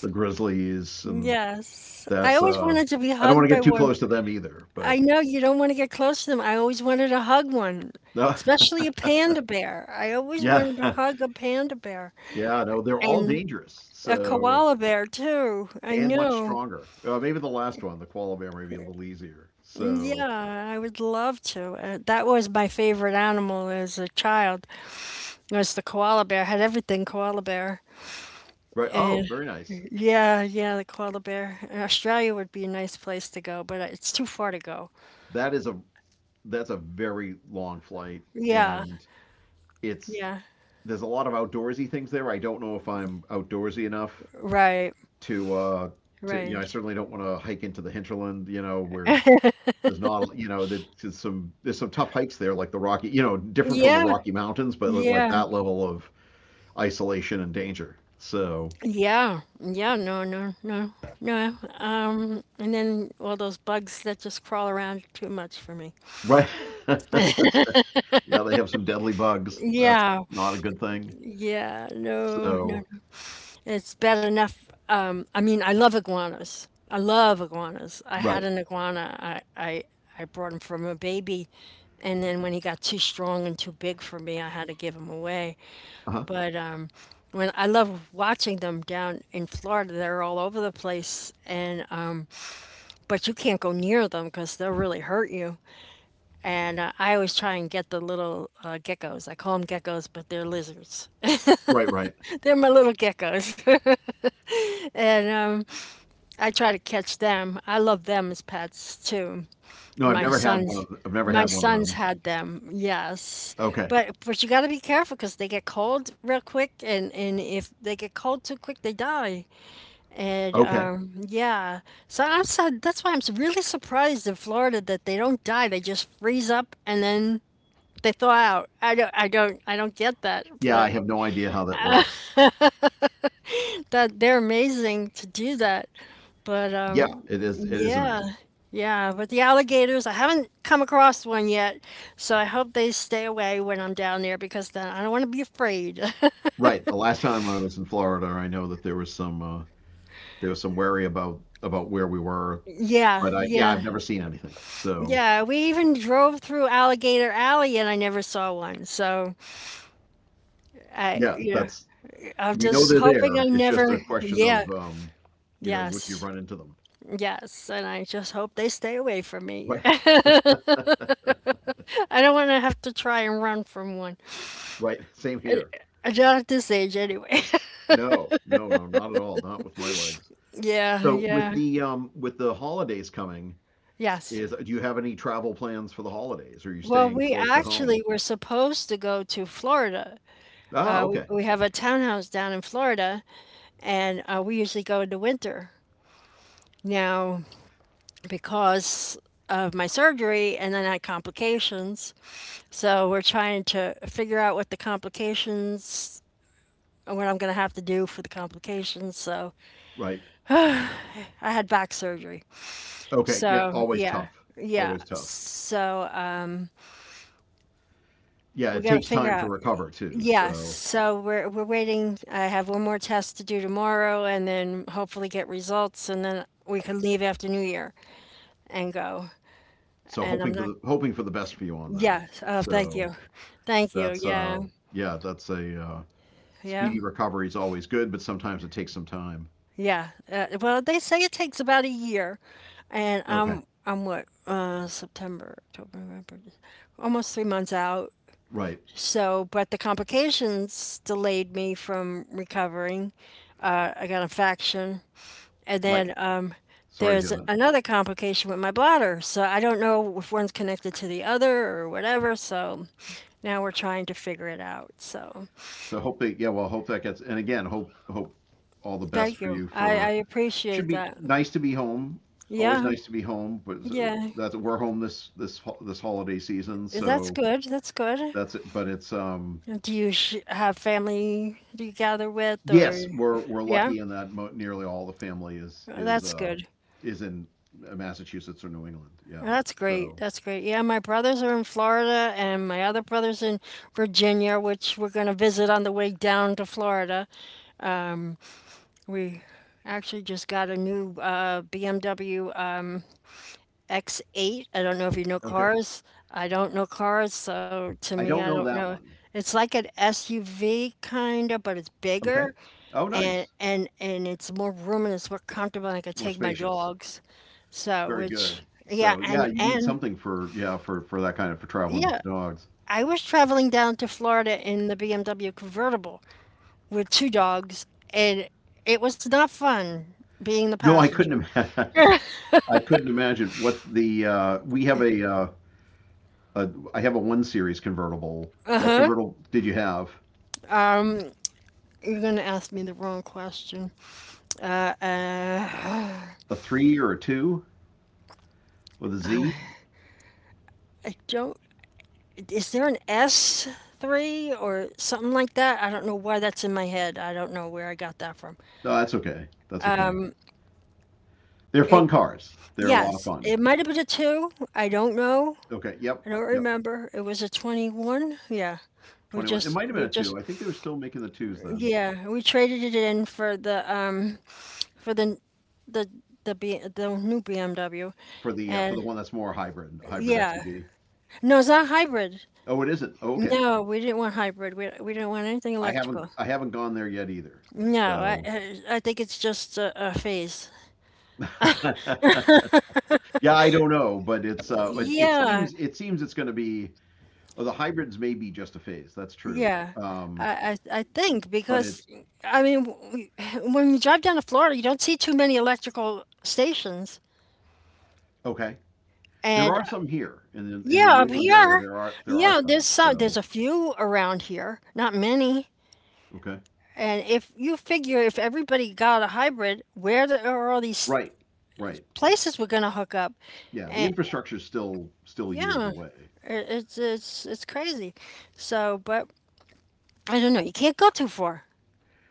Speaker 2: the grizzlies and
Speaker 1: Yes. I
Speaker 2: that's
Speaker 1: always
Speaker 2: uh,
Speaker 1: wanted to be
Speaker 2: I don't want
Speaker 1: hugged
Speaker 2: to get
Speaker 1: by
Speaker 2: too
Speaker 1: one.
Speaker 2: close to them either,
Speaker 1: I
Speaker 2: but
Speaker 1: know you don't want to get close to them. I always wanted to hug one,
Speaker 2: no.
Speaker 1: especially a panda bear. I always
Speaker 2: Yeah,
Speaker 1: wanted to hug a panda bear
Speaker 2: yeah, no, they're all
Speaker 1: and
Speaker 2: dangerous.
Speaker 1: a
Speaker 2: So
Speaker 1: koala bear too. I
Speaker 2: and much
Speaker 1: know.
Speaker 2: stronger. Uh, maybe the last one, the koala bear, may be a little easier. So
Speaker 1: Yeah, I would love to. Uh, that was my favorite animal as a child. Was the koala bear. had everything koala bear.
Speaker 2: right, oh,
Speaker 1: And
Speaker 2: very nice.
Speaker 1: yeah, yeah, the koala bear. And Australia would be a nice place to go, but it's too far to go.
Speaker 2: that is a that's a very long flight,
Speaker 1: Yeah,
Speaker 2: and it's
Speaker 1: yeah.
Speaker 2: there's a lot of outdoorsy things there. I don't know if I'm outdoorsy enough
Speaker 1: Right,
Speaker 2: to uh to you know
Speaker 1: right.
Speaker 2: I certainly don't want to hike into the hinterland. You know where there's not, you know that- there's some there's some tough hikes there, like the Rocky, you know different from the
Speaker 1: Yeah,
Speaker 2: Rocky Mountains, but like
Speaker 1: yeah,
Speaker 2: that level of isolation and danger. So
Speaker 1: yeah, yeah. No, no, no, no. Um, and then all those bugs that just crawl around are too much for me.
Speaker 2: right, yeah, they have some deadly bugs. That's
Speaker 1: Yeah,
Speaker 2: not a good thing.
Speaker 1: yeah. No,
Speaker 2: So
Speaker 1: no. It's bad enough. Um, I mean, I love iguanas. I love iguanas. I had
Speaker 2: right,
Speaker 1: an iguana. I, I, I brought him from a baby. And then when he got too strong and too big for me, I had to give him away.
Speaker 2: uh huh,
Speaker 1: But um, when I love watching them down in Florida, they're all over the place. And um, but you can't go near them because they'll really hurt you. And uh, I always try and get the little uh, geckos. I call them geckos, but they're lizards.
Speaker 2: right, right.
Speaker 1: They're my little geckos. and um, I try to catch them. I love them as pets too.
Speaker 2: No, I've
Speaker 1: My
Speaker 2: never had one
Speaker 1: sons,
Speaker 2: of I've never
Speaker 1: my
Speaker 2: had one of
Speaker 1: sons
Speaker 2: them.
Speaker 1: had them. Yes,
Speaker 2: Okay.
Speaker 1: but but you got to be careful because they get cold real quick, and and if they get cold too quick, they die. And
Speaker 2: Okay.
Speaker 1: um, yeah, so I'm sad. That's why I'm s- really surprised in Florida that they don't die. They just freeze up and then they thaw out. I don't, I don't, I don't get that.
Speaker 2: Yeah, I
Speaker 1: But
Speaker 2: have no idea how that works.
Speaker 1: that they're amazing to do that. But
Speaker 2: Yeah,
Speaker 1: um,
Speaker 2: it is it is
Speaker 1: Yeah.
Speaker 2: amazing.
Speaker 1: Yeah, but the alligators, I haven't come across one yet, so I hope they stay away when I'm down there because then I don't want to be afraid.
Speaker 2: Right. The last time I was in Florida, I know that there was some uh there was some worry about about where we were,
Speaker 1: Yeah,
Speaker 2: but I yeah,
Speaker 1: yeah.
Speaker 2: I've never seen anything. So,
Speaker 1: Yeah, we even drove through Alligator Alley and I never saw one. So I,
Speaker 2: yeah,
Speaker 1: you know,
Speaker 2: that's
Speaker 1: I'm
Speaker 2: we know
Speaker 1: just
Speaker 2: they're
Speaker 1: hoping I
Speaker 2: there. It's just a
Speaker 1: never,
Speaker 2: question
Speaker 1: yeah,
Speaker 2: of, um, you know, would you
Speaker 1: yes,
Speaker 2: run into them?
Speaker 1: yes. And I just hope they stay away from me.
Speaker 2: Right.
Speaker 1: I don't want to have to try and run from one.
Speaker 2: Right. Same here.
Speaker 1: Not at this age, anyway.
Speaker 2: No. No, no, not at all. Not with my legs.
Speaker 1: Yeah,
Speaker 2: So,
Speaker 1: yeah,
Speaker 2: with the um with the holidays coming,
Speaker 1: yes.
Speaker 2: is do you have any travel plans for the holidays? Are you
Speaker 1: Well,
Speaker 2: staying
Speaker 1: we
Speaker 2: close to
Speaker 1: actually
Speaker 2: home?
Speaker 1: were supposed to go to Florida.
Speaker 2: Ah,
Speaker 1: Uh, we,
Speaker 2: okay.
Speaker 1: we have a townhouse down in Florida, and uh, we usually go in the winter. Now, because of my surgery and then I had complications, so we're trying to figure out what the complications, what I'm going to have to do for the complications. So
Speaker 2: Right.
Speaker 1: I had back surgery.
Speaker 2: Okay. Yeah,
Speaker 1: So,
Speaker 2: always
Speaker 1: yeah,
Speaker 2: tough.
Speaker 1: yeah.
Speaker 2: Always tough.
Speaker 1: So um,
Speaker 2: Yeah,
Speaker 1: we
Speaker 2: it
Speaker 1: got to
Speaker 2: takes
Speaker 1: figure
Speaker 2: time to
Speaker 1: out.
Speaker 2: recover too.
Speaker 1: Yes,
Speaker 2: So,
Speaker 1: so we're we're waiting. I have one more test to do tomorrow and then hopefully get results and then we can leave after New Year and go.
Speaker 2: so
Speaker 1: And I'm
Speaker 2: hoping for
Speaker 1: not.
Speaker 2: the hoping for the best for you on that.
Speaker 1: Yes, oh, thank
Speaker 2: So
Speaker 1: you. Thank you.
Speaker 2: that's
Speaker 1: Yeah.
Speaker 2: uh yeah, that's a uh,
Speaker 1: Yeah.
Speaker 2: speedy recovery is always good, but sometimes it takes some time.
Speaker 1: Yeah. Uh, well, they say it takes about a year, and
Speaker 2: Okay.
Speaker 1: I'm I'm what, uh September, October, November, Dec- almost three months out.
Speaker 2: Right.
Speaker 1: So, but the complications delayed me from recovering. Uh, I got an infection. And
Speaker 2: Right.
Speaker 1: then um,
Speaker 2: Sorry to
Speaker 1: there's
Speaker 2: hear that.
Speaker 1: another complication with my bladder. So I don't know if one's connected to the other or whatever. So now we're trying to figure it out. So
Speaker 2: So hope that, yeah, well, hope that gets, and again, hope hope all the best
Speaker 1: thank
Speaker 2: for
Speaker 1: you.
Speaker 2: you.
Speaker 1: I, I
Speaker 2: For should
Speaker 1: appreciate
Speaker 2: be
Speaker 1: that.
Speaker 2: nice to be home. Always
Speaker 1: Yeah.
Speaker 2: nice to be home, but so
Speaker 1: Yeah.
Speaker 2: that's, we're home this this ho- this holiday season,
Speaker 1: That's
Speaker 2: so
Speaker 1: good. That's good.
Speaker 2: that's it. But it's um
Speaker 1: Do you sh- have family, do you gather with,
Speaker 2: yes,
Speaker 1: or?
Speaker 2: we're we're
Speaker 1: Yeah?
Speaker 2: lucky in that mo- nearly all the family is is
Speaker 1: That's
Speaker 2: uh
Speaker 1: good.
Speaker 2: is in Massachusetts or New England. Yeah.
Speaker 1: That's great.
Speaker 2: So
Speaker 1: That's great. Yeah, my brothers are in Florida and my other brother's in Virginia, which we're going to visit on the way down to Florida. Um, we actually just got a new uh, B M W, um, X eight. I don't know if you know
Speaker 2: okay,
Speaker 1: cars. I don't know cars, so to
Speaker 2: I
Speaker 1: me, I
Speaker 2: don't
Speaker 1: don't
Speaker 2: know that
Speaker 1: know.
Speaker 2: one.
Speaker 1: It's like an S U V kind of, but it's
Speaker 2: Okay.
Speaker 1: bigger,
Speaker 2: Oh,
Speaker 1: and
Speaker 2: nice.
Speaker 1: and and it's more room and it's more comfortable. And I could
Speaker 2: More
Speaker 1: take my
Speaker 2: spacious.
Speaker 1: dogs. So,
Speaker 2: Very
Speaker 1: which,
Speaker 2: good.
Speaker 1: yeah,
Speaker 2: So yeah,
Speaker 1: and
Speaker 2: you need
Speaker 1: and
Speaker 2: something for yeah for for that kind of for traveling with
Speaker 1: yeah,
Speaker 2: the dogs.
Speaker 1: I was traveling down to Florida in the B M W convertible with two dogs, and it was not fun being the
Speaker 2: No, I couldn't.
Speaker 1: passenger.
Speaker 2: Ima- I couldn't imagine what the uh, we have a, uh, a I have a one series convertible. What convertible did you have?
Speaker 1: You're going to ask me the wrong question.
Speaker 2: A three or a two with a Z?
Speaker 1: I don't. Is there an S three or something like that? I don't know why that's in my head. I don't know where I got that from.
Speaker 2: No, that's okay. That's okay. They're fun
Speaker 1: It,
Speaker 2: cars. They're a lot of
Speaker 1: yes,
Speaker 2: fun.
Speaker 1: it might have been a two. I don't know.
Speaker 2: Okay. Yep.
Speaker 1: I don't
Speaker 2: Yep.
Speaker 1: remember. It was a twenty-one. Yeah. We
Speaker 2: 21. It
Speaker 1: just
Speaker 2: might have been
Speaker 1: we
Speaker 2: a two.
Speaker 1: just
Speaker 2: I think they were still making the twos then
Speaker 1: yeah, we traded it in for the um for the the the B, the new B M W.
Speaker 2: for the uh, for
Speaker 1: And
Speaker 2: the one that's more hybrid, a hybrid
Speaker 1: yeah.
Speaker 2: S U V.
Speaker 1: No, it's not hybrid.
Speaker 2: Oh, it isn't. Oh, okay.
Speaker 1: No, we didn't want hybrid. We we didn't want anything
Speaker 2: I haven't
Speaker 1: electrical.
Speaker 2: I haven't gone there yet either.
Speaker 1: No, I
Speaker 2: So
Speaker 1: I I think it's just a, a phase.
Speaker 2: yeah, I don't know, but it's uh it, it
Speaker 1: Yeah,
Speaker 2: seems it seems it's going to be oh, the hybrids may be just a phase. That's true.
Speaker 1: yeah.
Speaker 2: Um,
Speaker 1: I, I I think
Speaker 2: but it
Speaker 1: because I mean, w- w- when you drive down to Florida, you don't see too many electrical stations.
Speaker 2: okay. There
Speaker 1: And uh,
Speaker 2: are some here in the in the
Speaker 1: yeah,
Speaker 2: New
Speaker 1: up
Speaker 2: England area.
Speaker 1: here,
Speaker 2: There are there are
Speaker 1: yeah, there's
Speaker 2: some.
Speaker 1: some there's
Speaker 2: So
Speaker 1: a few around here, not many.
Speaker 2: okay.
Speaker 1: And if you figure if everybody got a hybrid, where the- are all these
Speaker 2: Right, right.
Speaker 1: places we're gonna hook up?
Speaker 2: Yeah, the
Speaker 1: Eh,
Speaker 2: infrastructure's still still years
Speaker 1: yeah,
Speaker 2: away.
Speaker 1: it- it's it's it's crazy. So, but I don't know. You can't go too far.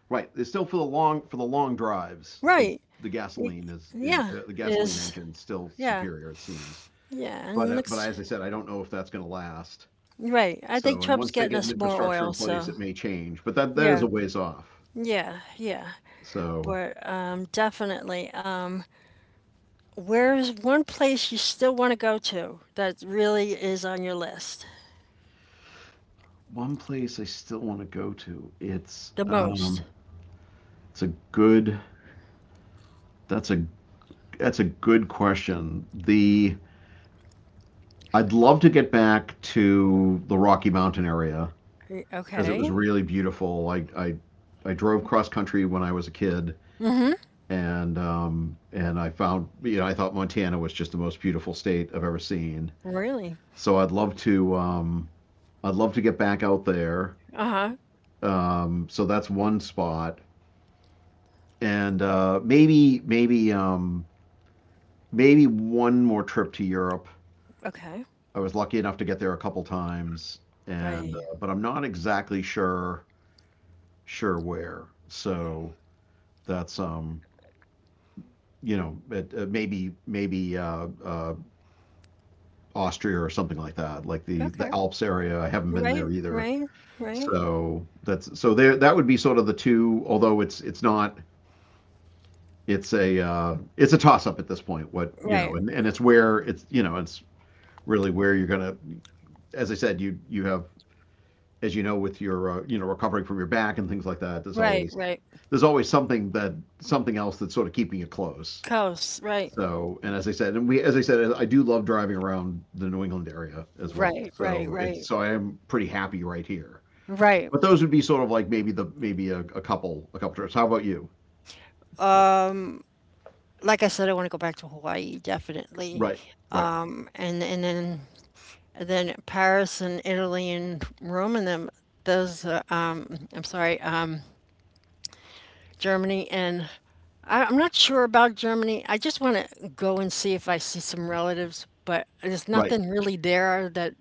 Speaker 2: Right, it's still for the long for the long drives. It,
Speaker 1: Right.
Speaker 2: the
Speaker 1: You-
Speaker 2: gasoline is is
Speaker 1: Yeah.
Speaker 2: the, the gasoline
Speaker 1: Is
Speaker 2: engine's still
Speaker 1: yeah.
Speaker 2: superior, it seems.
Speaker 1: Yeah.
Speaker 2: But
Speaker 1: And
Speaker 2: uh, but
Speaker 1: looks
Speaker 2: as I said, I don't know if that's going to last.
Speaker 1: right. I think
Speaker 2: So, and
Speaker 1: Trump's
Speaker 2: once they
Speaker 1: getting
Speaker 2: get an
Speaker 1: us more
Speaker 2: infrastructure
Speaker 1: oil,
Speaker 2: in place,
Speaker 1: so
Speaker 2: it may change. But that that is
Speaker 1: yeah.
Speaker 2: a ways off.
Speaker 1: Yeah. Yeah.
Speaker 2: So,
Speaker 1: But um definitely. Um where's one place you still want to go to that really is on your list?
Speaker 2: one place I still want to go to. It's
Speaker 1: The
Speaker 2: um,
Speaker 1: most.
Speaker 2: it's a good. That's a that's a good question. The I'd love to get back to the Rocky Mountain area
Speaker 1: Y-
Speaker 2: because it was
Speaker 1: Okay.
Speaker 2: really beautiful. I, I, I drove cross country when I was a kid,
Speaker 1: Mm-hmm.
Speaker 2: and um, and I found you know I thought Montana was just the most beautiful state I've ever seen.
Speaker 1: Really?
Speaker 2: So I'd love to um, I'd love to get back out there.
Speaker 1: Uh-huh.
Speaker 2: Um, so that's one spot, and uh, maybe maybe um, maybe one more trip to Europe.
Speaker 1: Okay.
Speaker 2: I was lucky enough to get there a couple times, and
Speaker 1: Right.
Speaker 2: uh, but I'm not exactly sure sure where. So that's um, you know, it, it maybe maybe uh, uh, Austria or something like that, like the
Speaker 1: Okay.
Speaker 2: the Alps area. I haven't been there
Speaker 1: Right.
Speaker 2: either.
Speaker 1: Right. Right.
Speaker 2: So that's, so there. That would be sort of the two. Although it's it's not. It's a uh, it's a toss up at this point. What, you know,
Speaker 1: Right.
Speaker 2: and and it's where it's you know it's really where you're gonna. As I said, you you have, as you know with your uh, you know recovering from your back and things like that. There's
Speaker 1: Right.
Speaker 2: always
Speaker 1: Right.
Speaker 2: there's always something that something else that's sort of keeping you close.
Speaker 1: Coast. Right.
Speaker 2: So, and as I said, and we, as I said, I do love driving around the New England area as well.
Speaker 1: Right, right,
Speaker 2: So it's,
Speaker 1: right,
Speaker 2: so I am pretty happy right here.
Speaker 1: right.
Speaker 2: But those would be sort of, like, maybe the, maybe a, a couple, a couple trips. How about you?
Speaker 1: Um, like I said, I want to go back to Hawaii definitely.
Speaker 2: Right, right,
Speaker 1: Um, and and then and then Paris and Italy and Rome and them those. Uh, um, I'm sorry, um, Germany, and I, I'm not sure about Germany. I just want to go and see if I see some relatives, but there's
Speaker 2: right.
Speaker 1: nothing really there that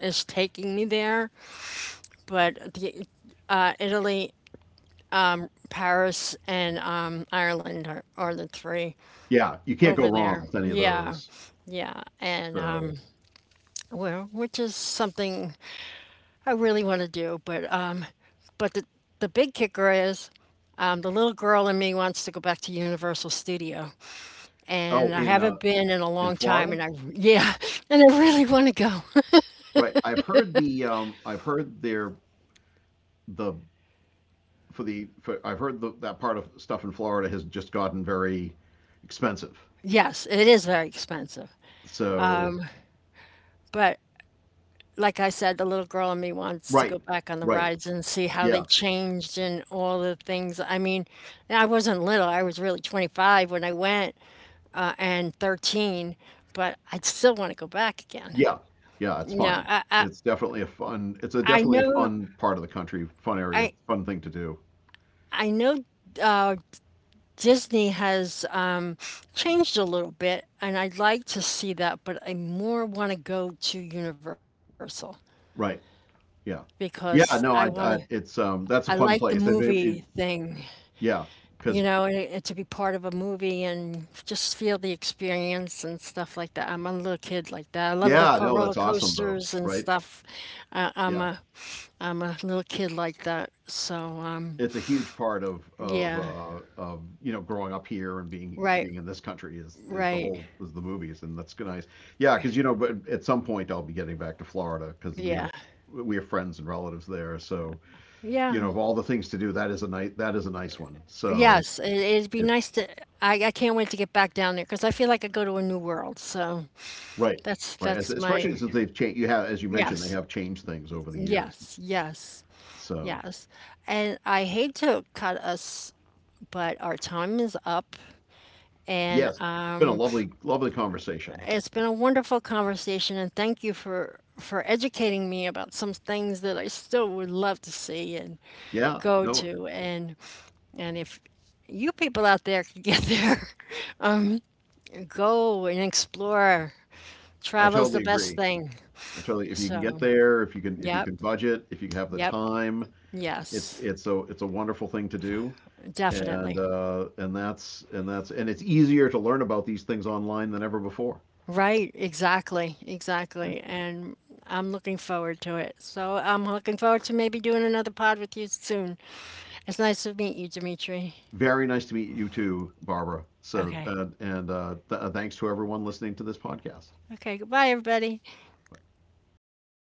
Speaker 1: is taking me there. But the, uh, Italy, um, Paris, and um, Ireland are, are the three.
Speaker 2: Yeah, you can't go
Speaker 1: Over
Speaker 2: wrong
Speaker 1: there.
Speaker 2: with any of
Speaker 1: Yeah.
Speaker 2: those.
Speaker 1: Yeah. And um
Speaker 2: So,
Speaker 1: well, which is something I really want to do, but um but the the big kicker is, um, the little girl in me wants to go back to Universal Studio,
Speaker 2: oh,
Speaker 1: and I
Speaker 2: in uh,
Speaker 1: haven't been in a
Speaker 2: in
Speaker 1: long time.
Speaker 2: Florida,
Speaker 1: And I, yeah, and I really want to go.
Speaker 2: right? I've heard the, um, I've heard their the for the for, I've heard the, that part of stuff in Florida has just gotten very expensive.
Speaker 1: Yes, it is very expensive,
Speaker 2: So,
Speaker 1: but like I said, the little girl in me wants to
Speaker 2: right,
Speaker 1: go back on the
Speaker 2: right,
Speaker 1: rides and see how they
Speaker 2: yeah.
Speaker 1: changed and all the things. I mean, and I wasn't little; I was really twenty-five when I went, uh, and thirteen, but I'd still want to go back again.
Speaker 2: Yeah, yeah, it's fun.
Speaker 1: Yeah, I,
Speaker 2: It's definitely a fun. It's a
Speaker 1: I, I
Speaker 2: definitely a
Speaker 1: know,
Speaker 2: fun part of the country, fun area,
Speaker 1: I,
Speaker 2: fun thing to do.
Speaker 1: I know uh, Disney has um, changed a little bit, and I'd like to see that, but I more want to go to Universal
Speaker 2: Right. Yeah.
Speaker 1: because I
Speaker 2: Yeah.
Speaker 1: want
Speaker 2: No,
Speaker 1: to.
Speaker 2: I. I it's
Speaker 1: I
Speaker 2: um. That's a
Speaker 1: like the
Speaker 2: fun place. It,
Speaker 1: movie
Speaker 2: it, it,
Speaker 1: thing,
Speaker 2: yeah.
Speaker 1: you
Speaker 2: Because
Speaker 1: know, and, it- to be part of a movie and just feel the experience and stuff like that. I'm a little kid like that. I love the
Speaker 2: yeah.
Speaker 1: co-
Speaker 2: No,
Speaker 1: roller
Speaker 2: that's awesome though.
Speaker 1: coasters and
Speaker 2: Right.
Speaker 1: stuff. Uh, I'm
Speaker 2: Yeah.
Speaker 1: a I'm a little kid like that. So, um,
Speaker 2: It's a huge part of of
Speaker 1: yeah,
Speaker 2: uh, of you know growing up here and being
Speaker 1: right,
Speaker 2: being in this country is is the
Speaker 1: right.
Speaker 2: whole is the movies and that's nice. Yeah, because you know, but at some point I'll be getting back to Florida because we have
Speaker 1: Yeah,
Speaker 2: we have friends and relatives there, so. You know,
Speaker 1: yeah.
Speaker 2: of all the things to do, that is a nice that is a nice one. So,
Speaker 1: Yes, it, it'd be
Speaker 2: it,
Speaker 1: nice to. I, I can't wait to get back down there because I feel like I go to a new world. So
Speaker 2: right,
Speaker 1: that's
Speaker 2: right. As,
Speaker 1: that's
Speaker 2: especially
Speaker 1: my
Speaker 2: since they've changed. You have, as you mentioned, they
Speaker 1: yes,
Speaker 2: have changed things over the years.
Speaker 1: yes, yes,
Speaker 2: So,
Speaker 1: yes. And I hate to cut us, but our time is up, and
Speaker 2: yes, it's been a
Speaker 1: um.
Speaker 2: lovely, lovely conversation.
Speaker 1: It's been a wonderful conversation, and thank you for for educating me about some things that I still would love to see and
Speaker 2: Yeah,
Speaker 1: go
Speaker 2: no,
Speaker 1: to. And and if you people out there could get there, go and explore.
Speaker 2: I
Speaker 1: Travel's the
Speaker 2: totally
Speaker 1: best
Speaker 2: agree.
Speaker 1: thing.
Speaker 2: I totally. If you can get
Speaker 1: So,
Speaker 2: there, if you can, if you
Speaker 1: yep,
Speaker 2: can budget, if you have the
Speaker 1: yep,
Speaker 2: time, it's
Speaker 1: yes,
Speaker 2: it's a it's a wonderful thing to do. And
Speaker 1: definitely.
Speaker 2: uh, and that's and that's and it's easier to learn about these things online than ever before.
Speaker 1: Right, exactly,
Speaker 2: Yeah.
Speaker 1: exactly. And I'm looking forward to it. So I'm looking forward to maybe doing another pod with you soon. It's nice to meet you, Dimitri.
Speaker 2: Very nice to meet you too, Barbara. So,
Speaker 1: Okay.
Speaker 2: uh, and uh, th- uh, thanks to everyone listening to this podcast.
Speaker 1: Okay, goodbye, everybody.